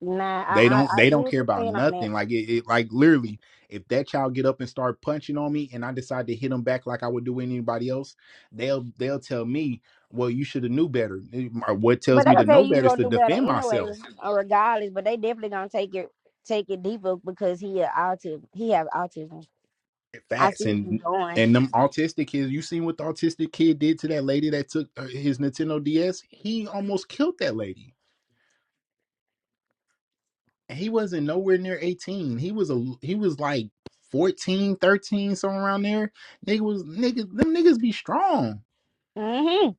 Speaker 2: Nah,
Speaker 3: They
Speaker 2: I I,
Speaker 3: don't,
Speaker 2: I
Speaker 3: they
Speaker 2: see
Speaker 3: don't
Speaker 2: what
Speaker 3: care
Speaker 2: you're
Speaker 3: about
Speaker 2: saying on that.
Speaker 3: nothing. Like it, it like literally, if that child get up and start punching on me, and I decide to hit him back like I would do anybody else, they'll, they'll tell me, well, you should have knew better. Or What
Speaker 2: But
Speaker 3: tells
Speaker 2: they
Speaker 3: me to
Speaker 2: gonna tell
Speaker 3: know
Speaker 2: you you
Speaker 3: better is
Speaker 2: gonna
Speaker 3: to
Speaker 2: do better
Speaker 3: defend
Speaker 2: anyway,
Speaker 3: myself
Speaker 2: or regardless. But they definitely gonna take it take it deeper because he a autism. He have autism. I
Speaker 3: Facts
Speaker 2: see where you're
Speaker 3: and
Speaker 2: going.
Speaker 3: and them autistic kids. You seen what the autistic kid did to that lady that took uh, his Nintendo DS? He almost killed that lady. And he wasn't nowhere near 18. He was a he was like fourteen, thirteen, 13, somewhere around there. Nigga was niggas them niggas be strong.
Speaker 2: hmm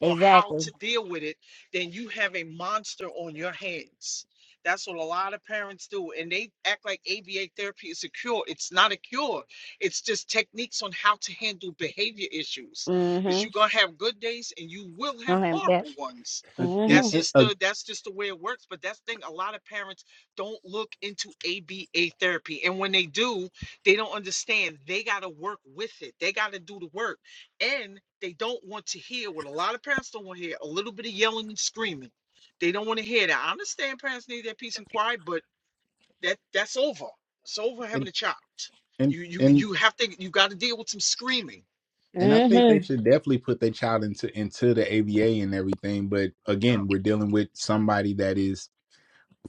Speaker 2: Exactly. Mhm. I am back.
Speaker 3: Uh, It,
Speaker 2: Mm-hmm.
Speaker 3: it, uh, and and and and I think they
Speaker 2: Mm-hmm.
Speaker 3: should definitely put their child into into the AVA and everything. But again, we're dealing with somebody that is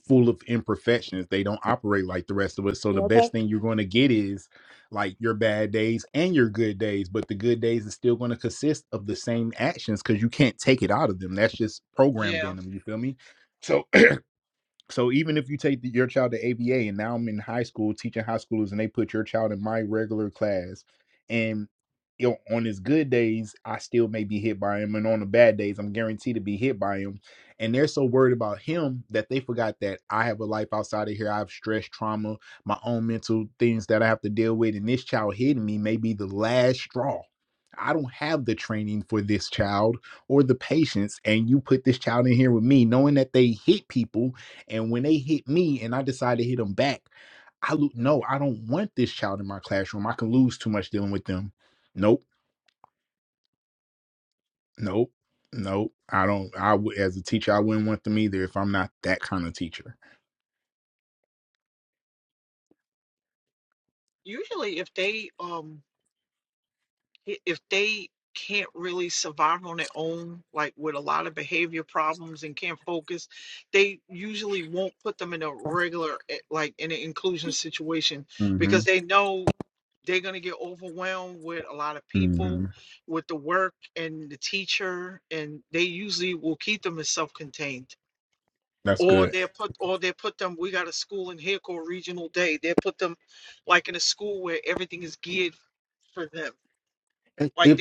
Speaker 3: full of imperfections. They don't operate like the rest of us. So the
Speaker 2: You okay?
Speaker 3: best thing you're going to get is like your bad days and your good days. But the good days is still going to consist of the same actions because you can't take it out of them. That's just programmed in them. You feel me? So so even if you take the, your child to ABA and now I'm in high school teaching high schoolers and they put your child in my regular class and you know, on his good days, I still may be hit by him, and on the bad days, I'm guaranteed to be hit by him. And they're so worried about him that they forgot that I have a life outside of here. I have stress, trauma, my own mental things that I have to deal with, and this child hitting me may be the last straw. I don't have the training for this child or the patience, and you put this child in here with me, knowing that they hit people and when they hit me and I decide to hit them back, I look. no, I don't want this child in my classroom. I can lose too much dealing with them. Nope, nope, nope. I don't. I would as a teacher, I wouldn't want them either if I'm not that kind of teacher. hmm hmm That's good. If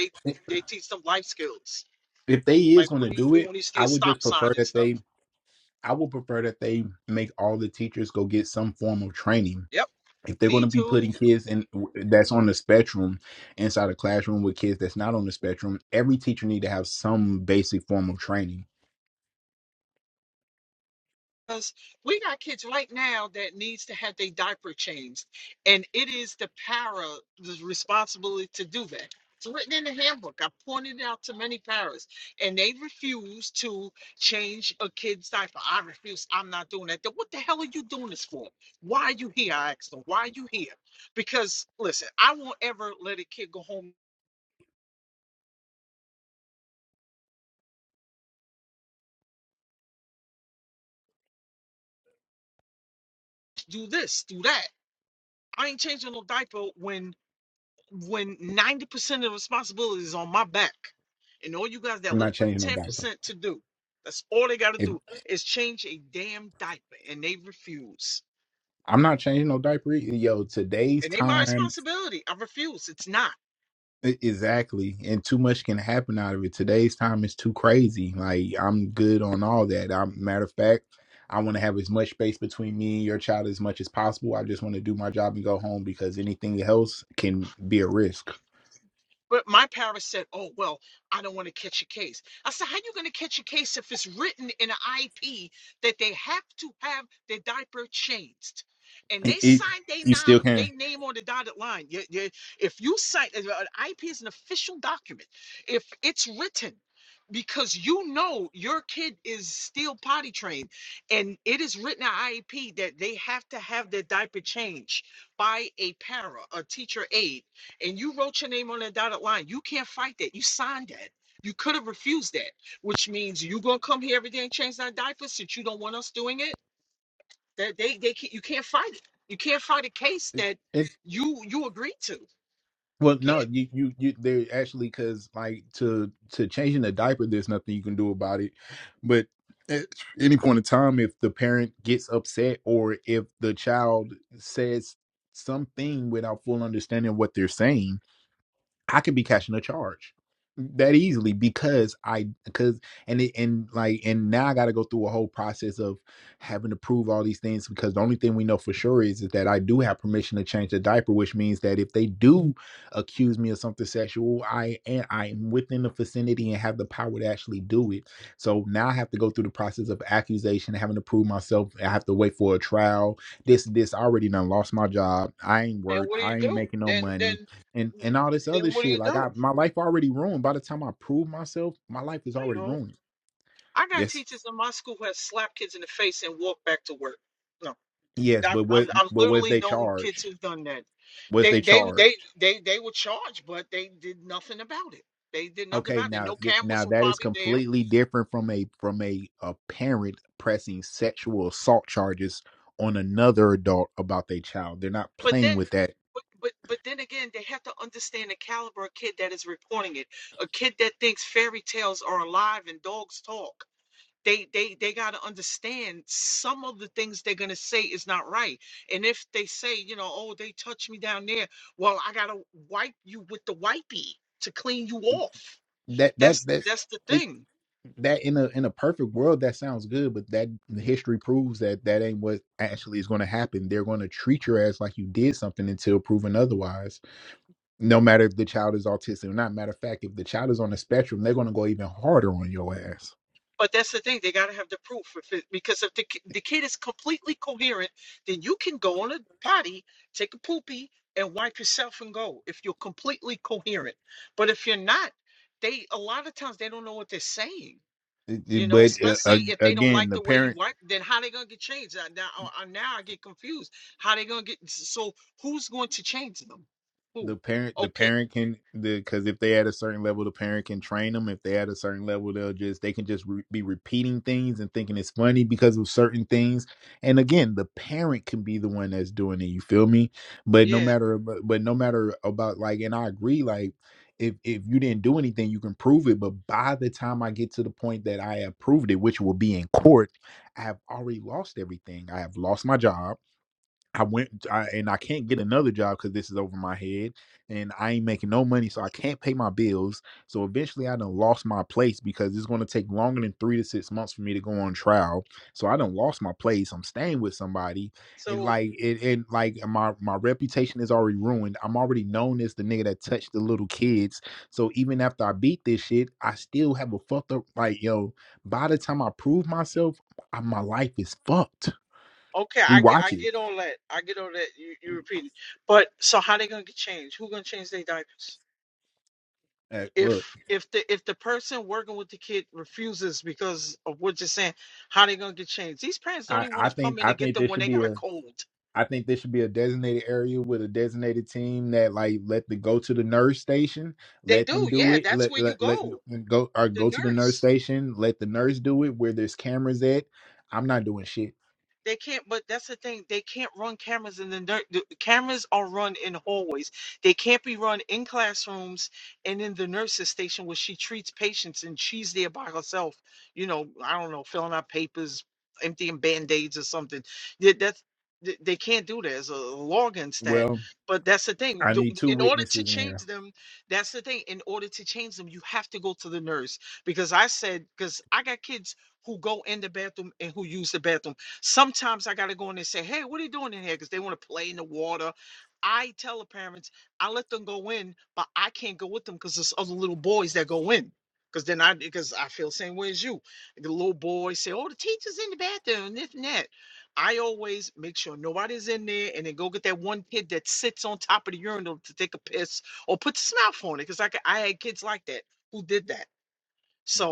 Speaker 3: if they is going to do it, I would just prefer that they. I would prefer that they make all the teachers go get some form of training if they're going to be putting kids in that's on the spectrum inside a classroom with kids that's not on the spectrum every teacher need to have some basic form of training i'm not changing no diaper if i'm not changing no diaper yo today's time E- Exactly. And too much can happen out of it. Today's time is too crazy. Like I'm good on all that. I'm matter of fact, I want to have as much space between me and your child as much as possible. I just want to do my job and go home because anything else can be a risk. It, it you still can. Well, no, you you you they actually because like to to changing the diaper, there's nothing you can do about it. But at any point in time, if the parent gets upset or if the child says something without full understanding what they're saying, I could be cashing a charge that easily because I because and it, and like and now I got to go through a whole process of having to prove all these things because the only thing we know for sure is, is that I do have permission to change the diaper, which means that if they do accuse me of something sexual, I and I'm within the vicinity and have the power to actually do it. So now I have to go through the process of accusation, having to prove myself. I have to wait for a trial. This this I already done lost my job. I ain't worked. I ain't making no money and and all this other shit. Like I my life already ruined. By the time I prove myself, my life is already ruined. Yes. Yes, but what but what if they charged? Was they charged? Okay, now th- now that is completely different from a from a, a parent pressing sexual assault charges on another adult about their child. They're not playing with that. That that that. that in a in a perfect world that sounds good but that history proves that that ain't what actually is going to happen they're going to treat your ass like you did something until proven otherwise no matter if the child is autistic or not matter of fact if the child is on the spectrum they're going to go even harder on your ass but uh, again the parent the parent the parent can the because if they at a certain level the parent can train them if they at a certain level they'll just they can just re- be repeating things and thinking it's funny because of certain things and again the parent can be the one that's doing it you feel me but no matter but, but no matter about like and i agree like if if you didn't do anything you can prove it but by the time i get to the point that i have proved it which will be in court i have already lost everything i have lost my job I went I, and I can't get another job because this is over my head and I ain't making no money, so I can't pay my bills. So eventually, I done lost my place because it's going to take longer than three to six months for me to go on trial. So I done lost my place. I'm staying with somebody, and like it, and like my my reputation is already ruined. I'm already known as the nigga that touched the little kids. So even after I beat this shit, I still have a fucked up like yo. By the time I prove myself, I, my life is fucked. We watch it. Uh, Look. I, I think I think there should be a I think there should be a designated area with a designated team that like let the go to the nurse station, let them do it, let let, let go or go to the nurse station, let the nurse do it where there's cameras at. I'm not doing shit. Well, I need two witnesses in here. Yeah.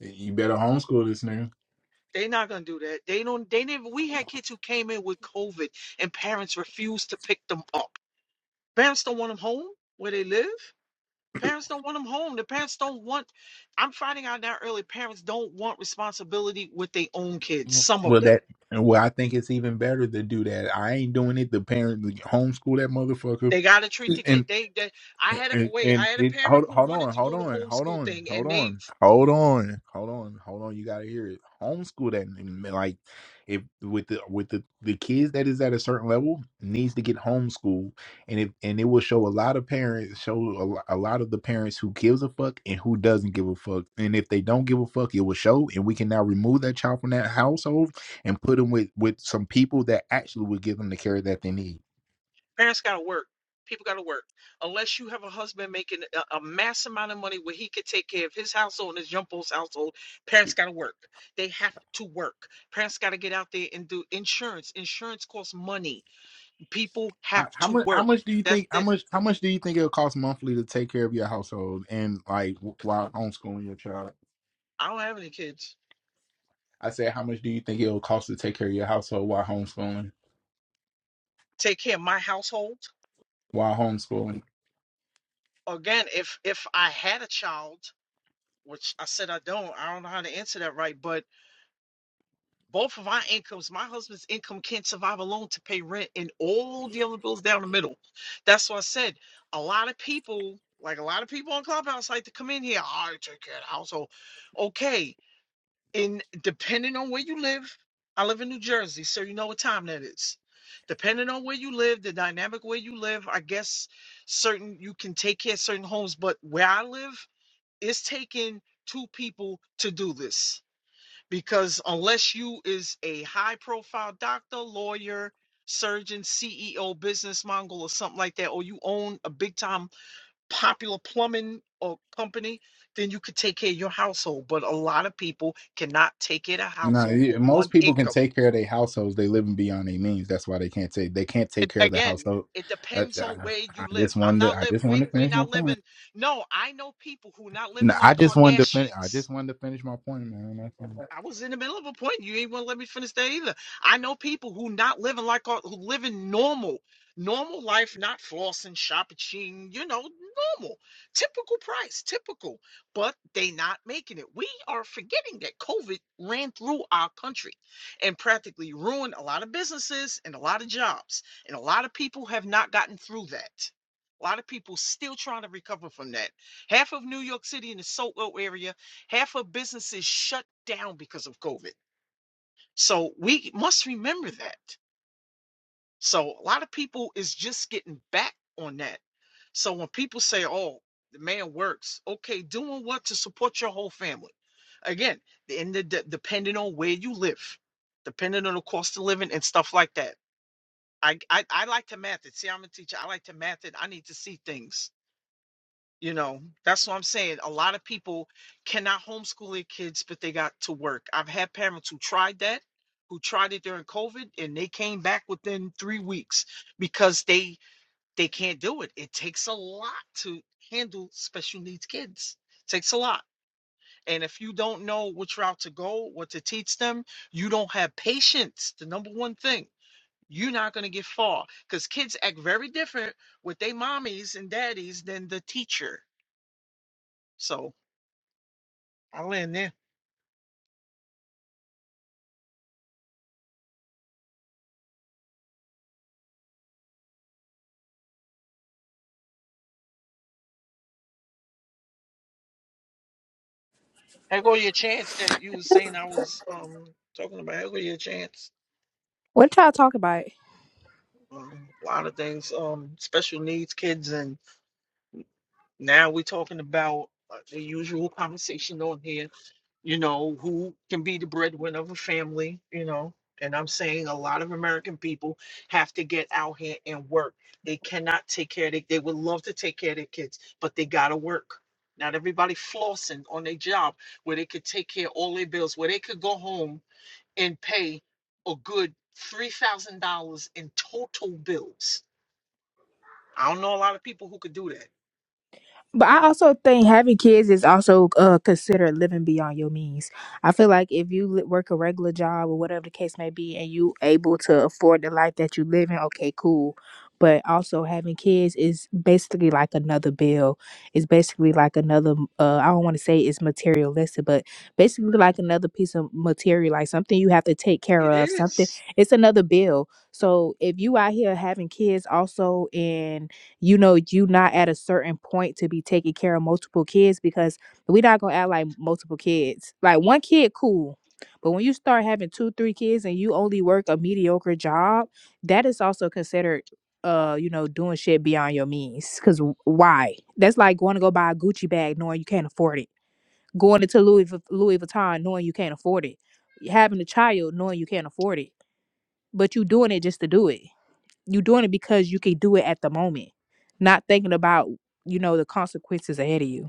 Speaker 3: You better homeschool this nigga. Well that well, I think it's even better to do that. I ain't doing it. The parents homeschool that motherfucker and. And, and it hold hold on, hold on, hold on, hold on, hold on, hold on, hold on. You gotta hear it. Homeschool that n- n- like if with the with the the kids that is at a certain level needs to get homeschooled, and if and it will show a lot of parents show a, lo- a lot of the parents who gives a fuck and who doesn't give a fuck, and if they don't give a fuck, it will show, and we can now remove that child from that household and put them with with some people that actually will give them the care that they need. How, how much? How much do you think? How much? How much do you think it'll cost monthly to take care of your household and like w- while homeschooling your child? I said, how much do you think it'll cost to take care of your household while homeschooling? While homeschooling, no, you- most people can take care of their households. They living beyond their means. That's why they can't take. They can't take care of the household. Uh, I, I just wanted. To, I just wanted to finish my point. No, I just wanted to finish. I just wanted to finish my point, man. That's all.
Speaker 4: What y'all talk about? But I also think having kids is also uh, considered living beyond your means. I feel like if you li- work a regular job or whatever the case may be, and you able to afford the life that you live in, okay, cool. But also having kids is basically like another bill. It's basically like another. Uh, I don't want to say it's materialistic, but basically like another piece of material, like something you have to take care of. Something. It's another bill. So if you out here having kids also and you know you not at a certain point to be taking care of multiple kids because we not gonna act like multiple kids like one kid cool but when you start having two three kids and you only work a mediocre job that is also considered uh you know doing shit beyond your means because why that's like going to go buy a gucci bag knowing you can't afford it going into louis, Vu- louis vuitton knowing you can't afford it having a child knowing you can't afford it but you doing it just to do it you doing it because you can do it at the moment, not thinking about you know the consequences ahead of you.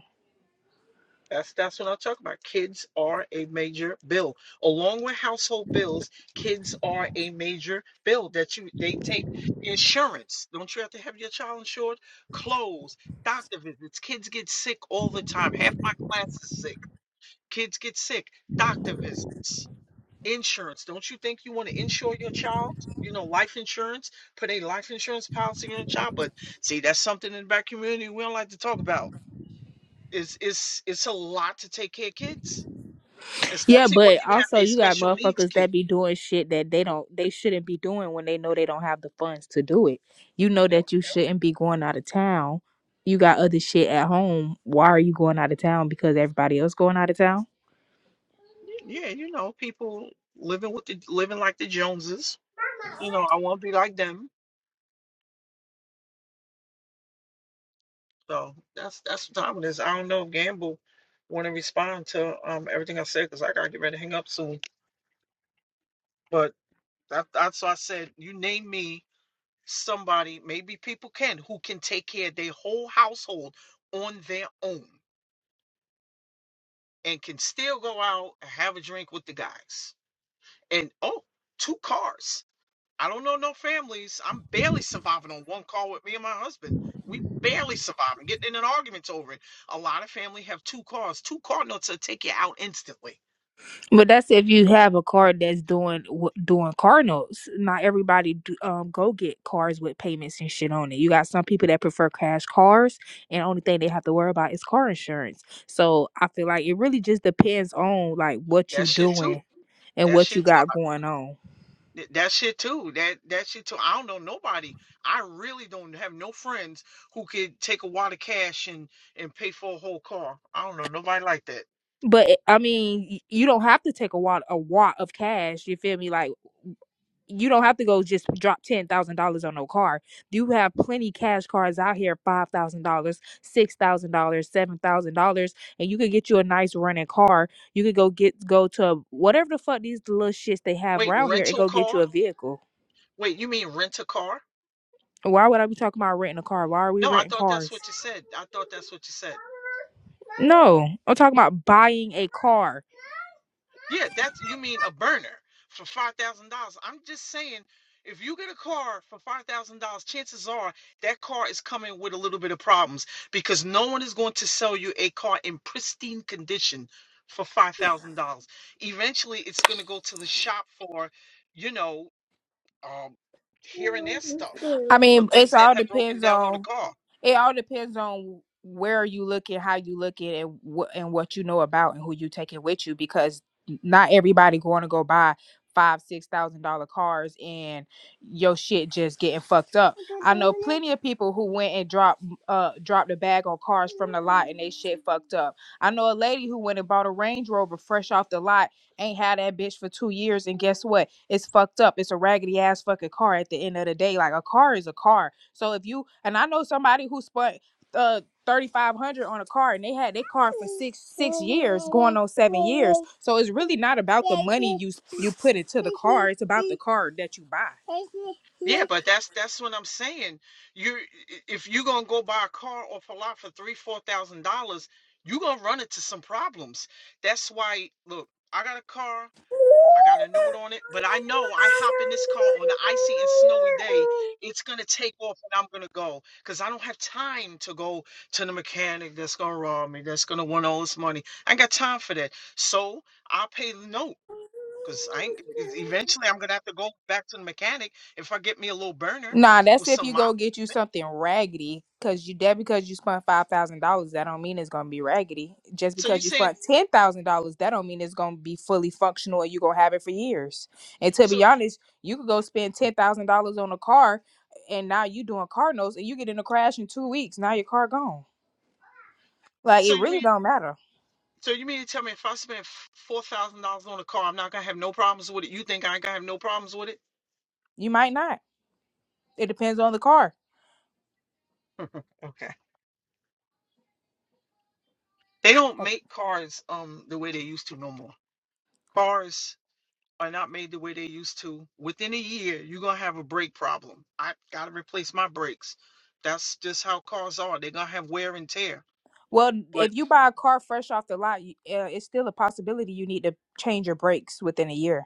Speaker 4: Yeah, but also you got motherfuckers that be doing shit that they don't they shouldn't be doing when they know they don't have the funds to do it. You know that you shouldn't be going out of town. You got other shit at home. Why are you going out of town? Because everybody else going out of town. But that's if you have a card that's doing w- doing car notes. Not everybody do, um go get cars with payments and shit on it. You got some people that prefer cash cars, and only thing they have to worry about is car insurance. So I feel like it really just depends on like what you doing and what you got going on. But eh, I mean, y- you don't have to take a wad a wad of cash. You feel me? Like. you don't have to go just drop ten thousand dollars on no car. You have plenty cash cars out here, five thousand dollars, six thousand dollars, seven thousand dollars, and you could get you a nice running car. You could go get go to whatever the fuck these little shits they have around here and go get you a vehicle. Why would I be talking about renting a car? Why are we renting cars? No, I'm talking about buying a car. I mean, it's all depends on It all depends on where you look at how you look at it, and what and what you know about and who you taking with you, because not everybody going to go buy five six thousand dollar cars and your shit just getting fucked up. I know plenty of people who went and dropped uh dropped a bag on cars from the lot and they shit fucked up. I know a lady who went and bought a Range Rover fresh off the lot Ain't had that bitch for two years, and guess what? It's fucked up. It's a raggedy ass fucking car at the end of the day. Like a car is a car. So if you and I know somebody who spent uh thirty five hundred on a car and they had their car for six six years, going on seven years. So it's really not about the money you you put into the car. It's about the car that you buy. Nah, that's if you go get you something raggedy. Cause you that because you spent five thousand dollars, that don't mean it's gonna be raggedy. Just because you spent ten thousand dollars, that don't mean it's gonna be fully functional and you gonna have it for years. And to be honest, you could go spend ten thousand dollars on a car and now you doing car notes and you get in a crash in two weeks. Now your car gone. Like it really don't matter. You might not. It depends on the car. Well, if you buy a car fresh off the lot, you- uh, it's still a possibility you need to change your brakes within a year.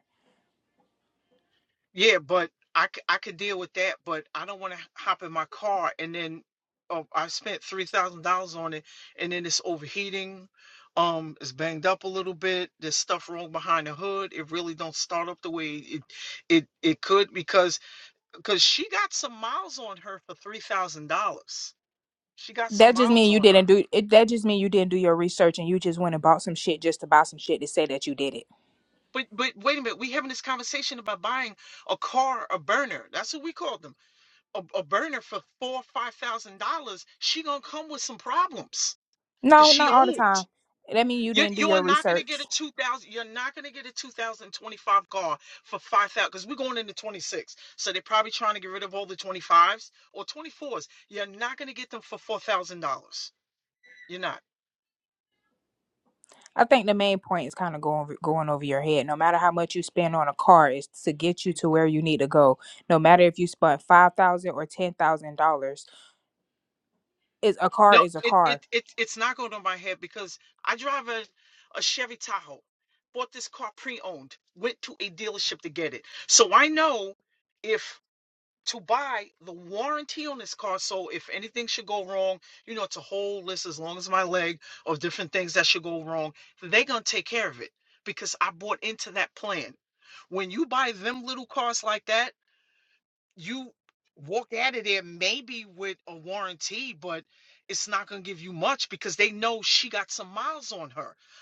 Speaker 4: That just mean you didn't do it. That just mean you didn't do your research and you just went and bought some shit just to buy some shit to say that you did it. No, not all the time. That mean you didn't do your research. I think the main point is kind of going going over your head. No matter how much you spend on a car, is to get you to where you need to go. No matter if you spent five thousand or ten thousand dollars, is a car is a car.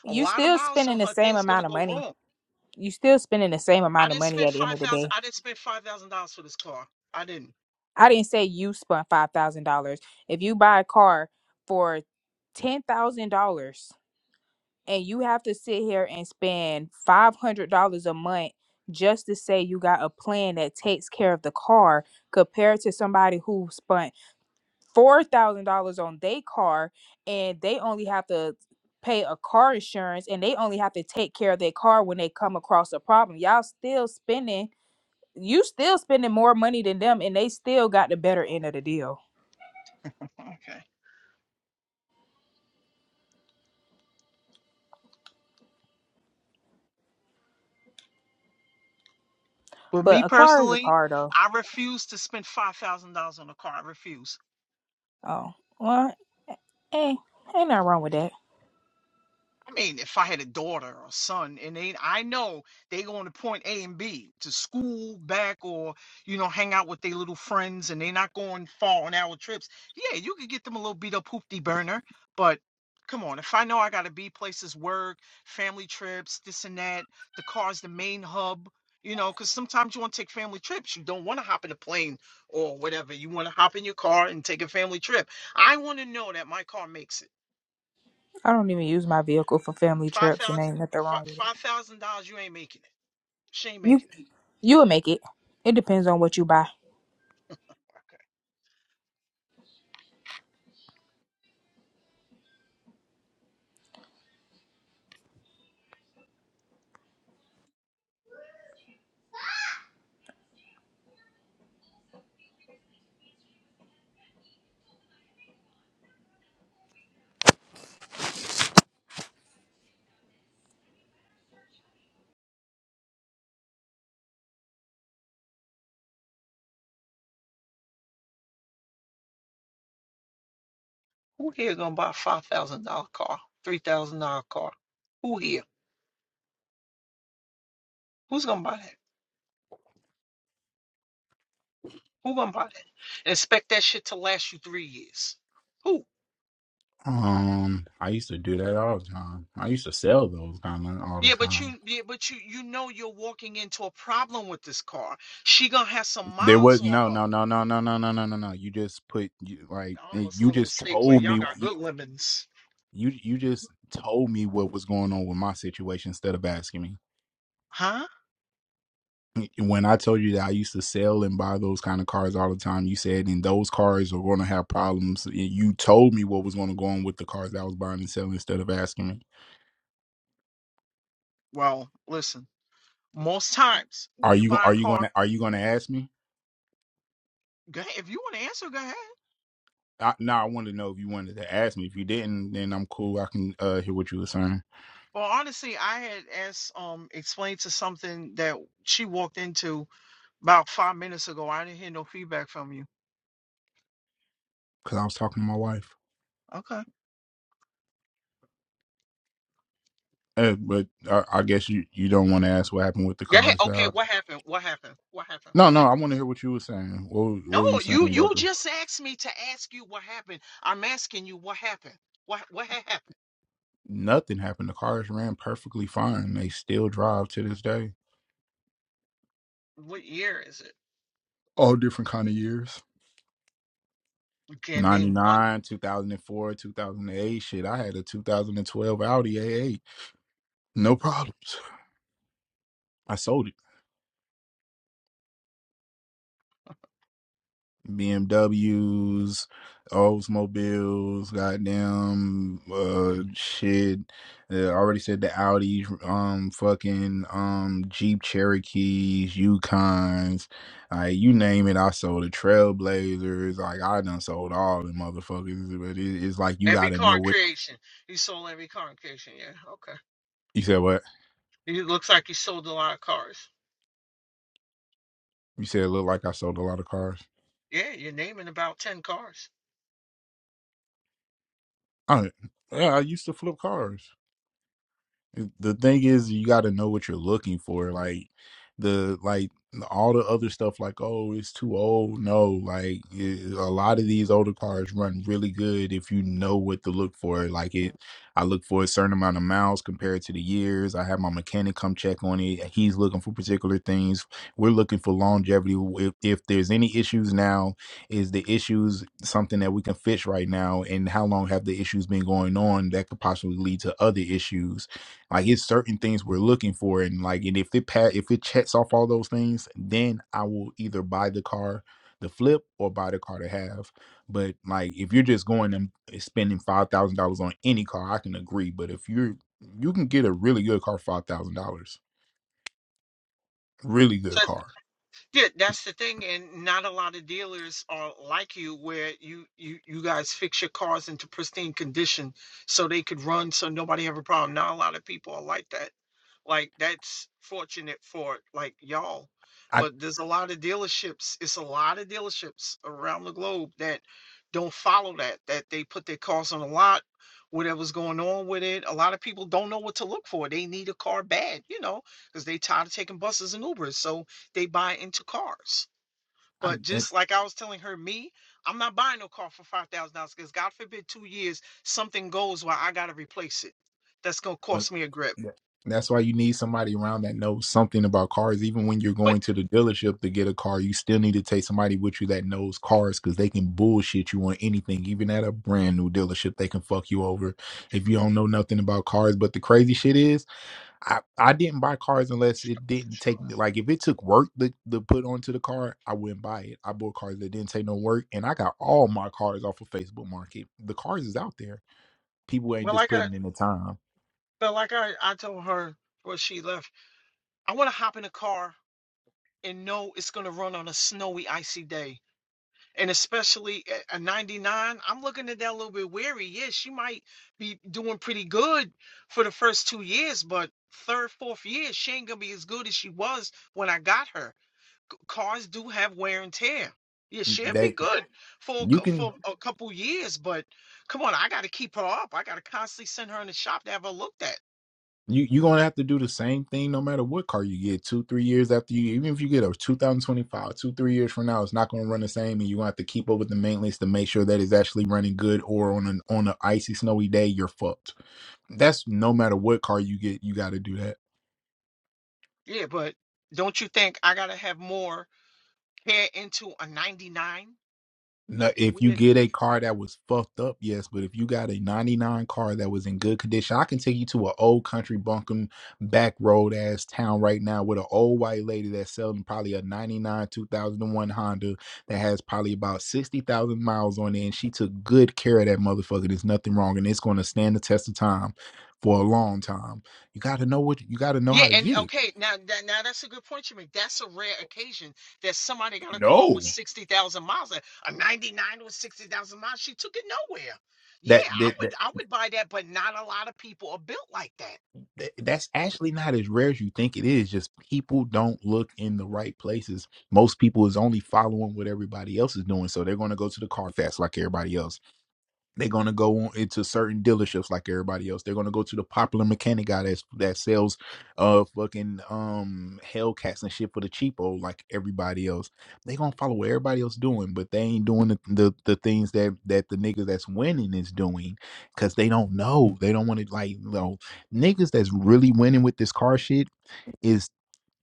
Speaker 4: You still spending the same amount of money. You still spending the same amount of money at the end of the day. I didn't say you spent five thousand dollars. If you buy a car for ten thousand dollars, and you have to sit here and spend five hundred dollars a month just to say you got a plan that takes care of the car compared to somebody who spent four thousand dollars on their car and they only have to pay a car insurance and they only have to take care of their car when they come across a problem. Y'all still spending you still spending more money than them and they still got the better end of the deal. But a car is a car though. Oh well hey ain't nothing wrong with that. I don't even use my vehicle for family trips, and ain't nothing wrong with it. You you would make it. It depends on what you buy.
Speaker 3: Um, I used to do that all the time. I used to sell those kind of all the time. There was no, no, no, no, no, no, no, no, no, no. You just put you, like you just told me you, you you just told me what was going on with my situation instead of asking me. When I told you that I used to sell and buy those kind of cars all the time, you said and those cars are going to have problems. You told me what was going to go on with the cars that I was buying and selling instead of asking me. Are you are you going to are you going to ask me? I, no, I wanted to know if you wanted to ask me. If you didn't, then I'm cool. I can uh, hear what you were saying because I was talking to my wife. Uh, but I, I guess you, you don't want to ask what happened with the car shop. No, no, I want to hear what you were saying. What were- what were you saying about the? Nothing happened. The cars ran perfectly fine. They still drive to this day. All different kind of years. 99, 2004, 2008. Shit, I had a 2012 Audi A8. No problems. I sold it. BMWs, Oldsmobiles, goddamn uh shit. Uh, I already said the Audis, um fucking um Jeep Cherokees, Yukons, like you name it, I sold the Trailblazers, like I done sold all the motherfuckers, but it, it's like you gotta know what you said what? You said it looked like I sold a lot of cars. I, yeah, I used to flip cars. the thing is you got to know what you're looking for like the like all the other stuff like oh it's too old no like it, a lot of these older cars run really good if you know what to look for like it i look for a certain amount of miles compared to the years i have my mechanic come check on it And he's looking for particular things we're looking for longevity if, if there's any issues now is the issues something that we can fix right now and how long have the issues been going on that could possibly lead to other issues like it's certain things we're looking for, and like, and if it pat, if it checks off all those things, then I will either buy the car, the flip, or buy the car to have. But like, if you're just going and eh, spending five thousand dollars on any car, I can agree. But if you're, you can get a really good car, for five thousand dollars, really good car. I, I, But yeah. that's why you need somebody around that knows something about cars. Even when you're going to the dealership to get a car, you still need to take somebody with you that knows cars because they can bullshit you on anything. Even at a brand new dealership, they can fuck you over if you don't know nothing about cars. But the crazy shit is, I, I didn't buy cars unless it didn't take like if it took work to, to put onto the car, I wouldn't buy it. I bought cars that didn't take no work, and I got all my cars off of Facebook Market. The cars is out there. People ain't just putting in the time. They you can you you're gonna have to do the same thing no matter what car you get two three years after you even if you get a two thousand twenty five two three years from now it's not gonna run the same and you're gonna have to keep up with the maintenance to make sure that it's actually running good or on an on an icy snowy day you're fucked that's no matter what car you get you gotta do that No, if you get a car that was fucked up, yes, but if you got a 99 car that was in good condition, I can take you to an old country bunkum back road ass town right now with an old white lady that's selling probably a 99 2001 Honda that has probably about 60,000 miles on it. And she took good care of that motherfucker. There's nothing wrong. And it's going to stand the test of time for a long time. You got to know what you got to know how to get it. No. that that th- that's actually not as rare as you think it is. Just people don't look in the right places. Most people is only following what everybody else is doing, so they're going to go to the car fast like everybody else they're gonna go on into certain dealerships like everybody else. They're gonna go to the popular mechanic guy that's that sells uh fucking um Hellcats and shit for the cheapo like everybody else. They gonna follow what everybody else doing, but they ain't doing the the, the things that that the niggas that's winning is doing because they don't know. They don't want to like you know niggas that's really winning with this car shit. is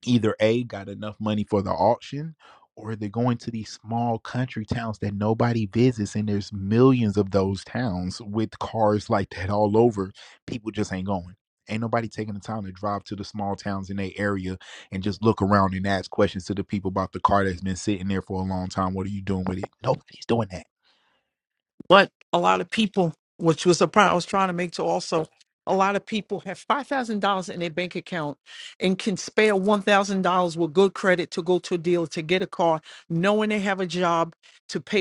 Speaker 3: either A got enough money for the auction or they're going to these small country towns that nobody visits and there's millions of those towns with cars like that all over. People just ain't going. Ain't nobody taking the time to drive to the small towns in their area and just look around and ask questions to the people about the car that's been sitting there for a long time. What are you doing with it? Nobody's doing that.
Speaker 5: think to also a lot will have five thousand dollars out in car, knowing they have a job to pick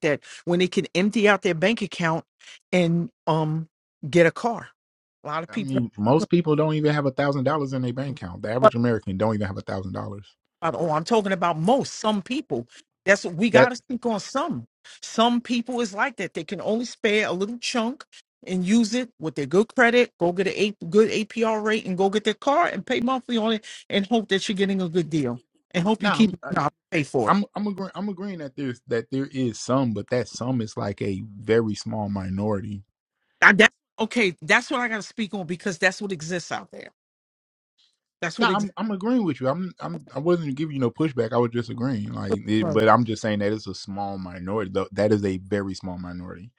Speaker 5: that when they out, and
Speaker 3: I mean, most people don't even have a thousand dollars in their bank account. The average American don't even have a thousand dollars.
Speaker 5: that's what we got
Speaker 3: That
Speaker 5: to think on some.
Speaker 3: nah, I'm,
Speaker 5: Navo.
Speaker 3: I'm I'm agreeing I'm agreeing that there's that there is some, but that some is like a very small minority. No, I'm I'm agreeing with you. I'm I'm I wasn't giving you no pushback. I was just agreeing. Like, it, but I'm just saying that it's a small minority. Though that is a very small minority.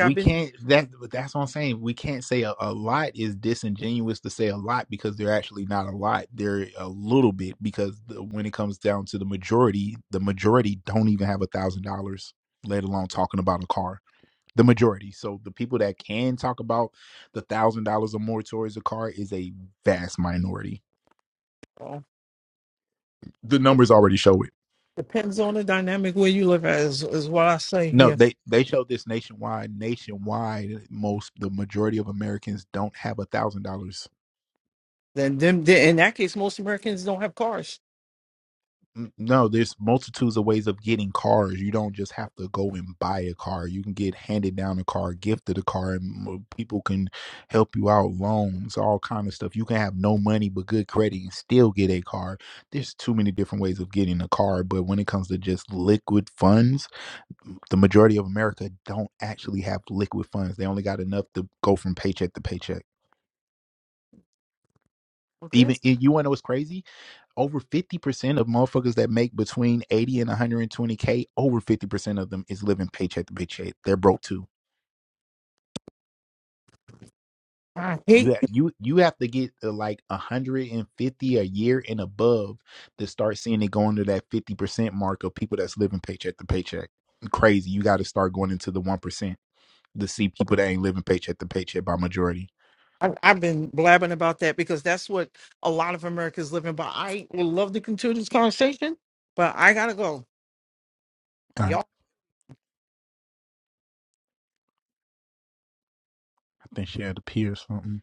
Speaker 3: We can't that that's what I'm saying. We can't say a, a lot is disingenuous to say a lot because they're actually not a lot. They're a little bit because the, when it comes down to the majority, the majority don't even have a thousand dollars, let alone talking about a car. the majority. So the people that can talk about the one thousand dollars or more towards a car is a vast minority. The numbers already show it.
Speaker 5: Depends on the dynamic where you live at is, is what I say
Speaker 3: No,
Speaker 5: here.
Speaker 3: they they show this nationwide. Nationwide, most the majority of Americans don't have a one thousand dollars
Speaker 5: Then them then in that case, most Americans don't have cars.
Speaker 3: N- No, there's multitudes of ways of getting cars. You don't just have to go and buy a car. You can get handed down a car, gifted a car, and m- people can help you out, loans, all kind of stuff. You can have no money but good credit and still get a car. There's too many different ways of getting a car, but when it comes to just liquid funds, the majority of America don't actually have liquid funds. They only got enough to go from paycheck to paycheck.
Speaker 5: Okay,
Speaker 3: Even you want to know what's crazy? over 50% of motherfuckers that make between 80 and 120k over 50% of them is living paycheck to paycheck they're broke too
Speaker 5: I hate.
Speaker 3: you have, you you have to get to like 150 a year and above to start seeing it going to that 50% mark of people that's living paycheck to paycheck crazy you got to start going into the 1% to see people that ain't living paycheck to paycheck by majority
Speaker 5: I, I've been blabbing about that because that's what a lot of Americans live in. But I would love to continue this conversation, but I gotta go.
Speaker 3: all
Speaker 5: Y'all.
Speaker 3: right i think she had to pee or something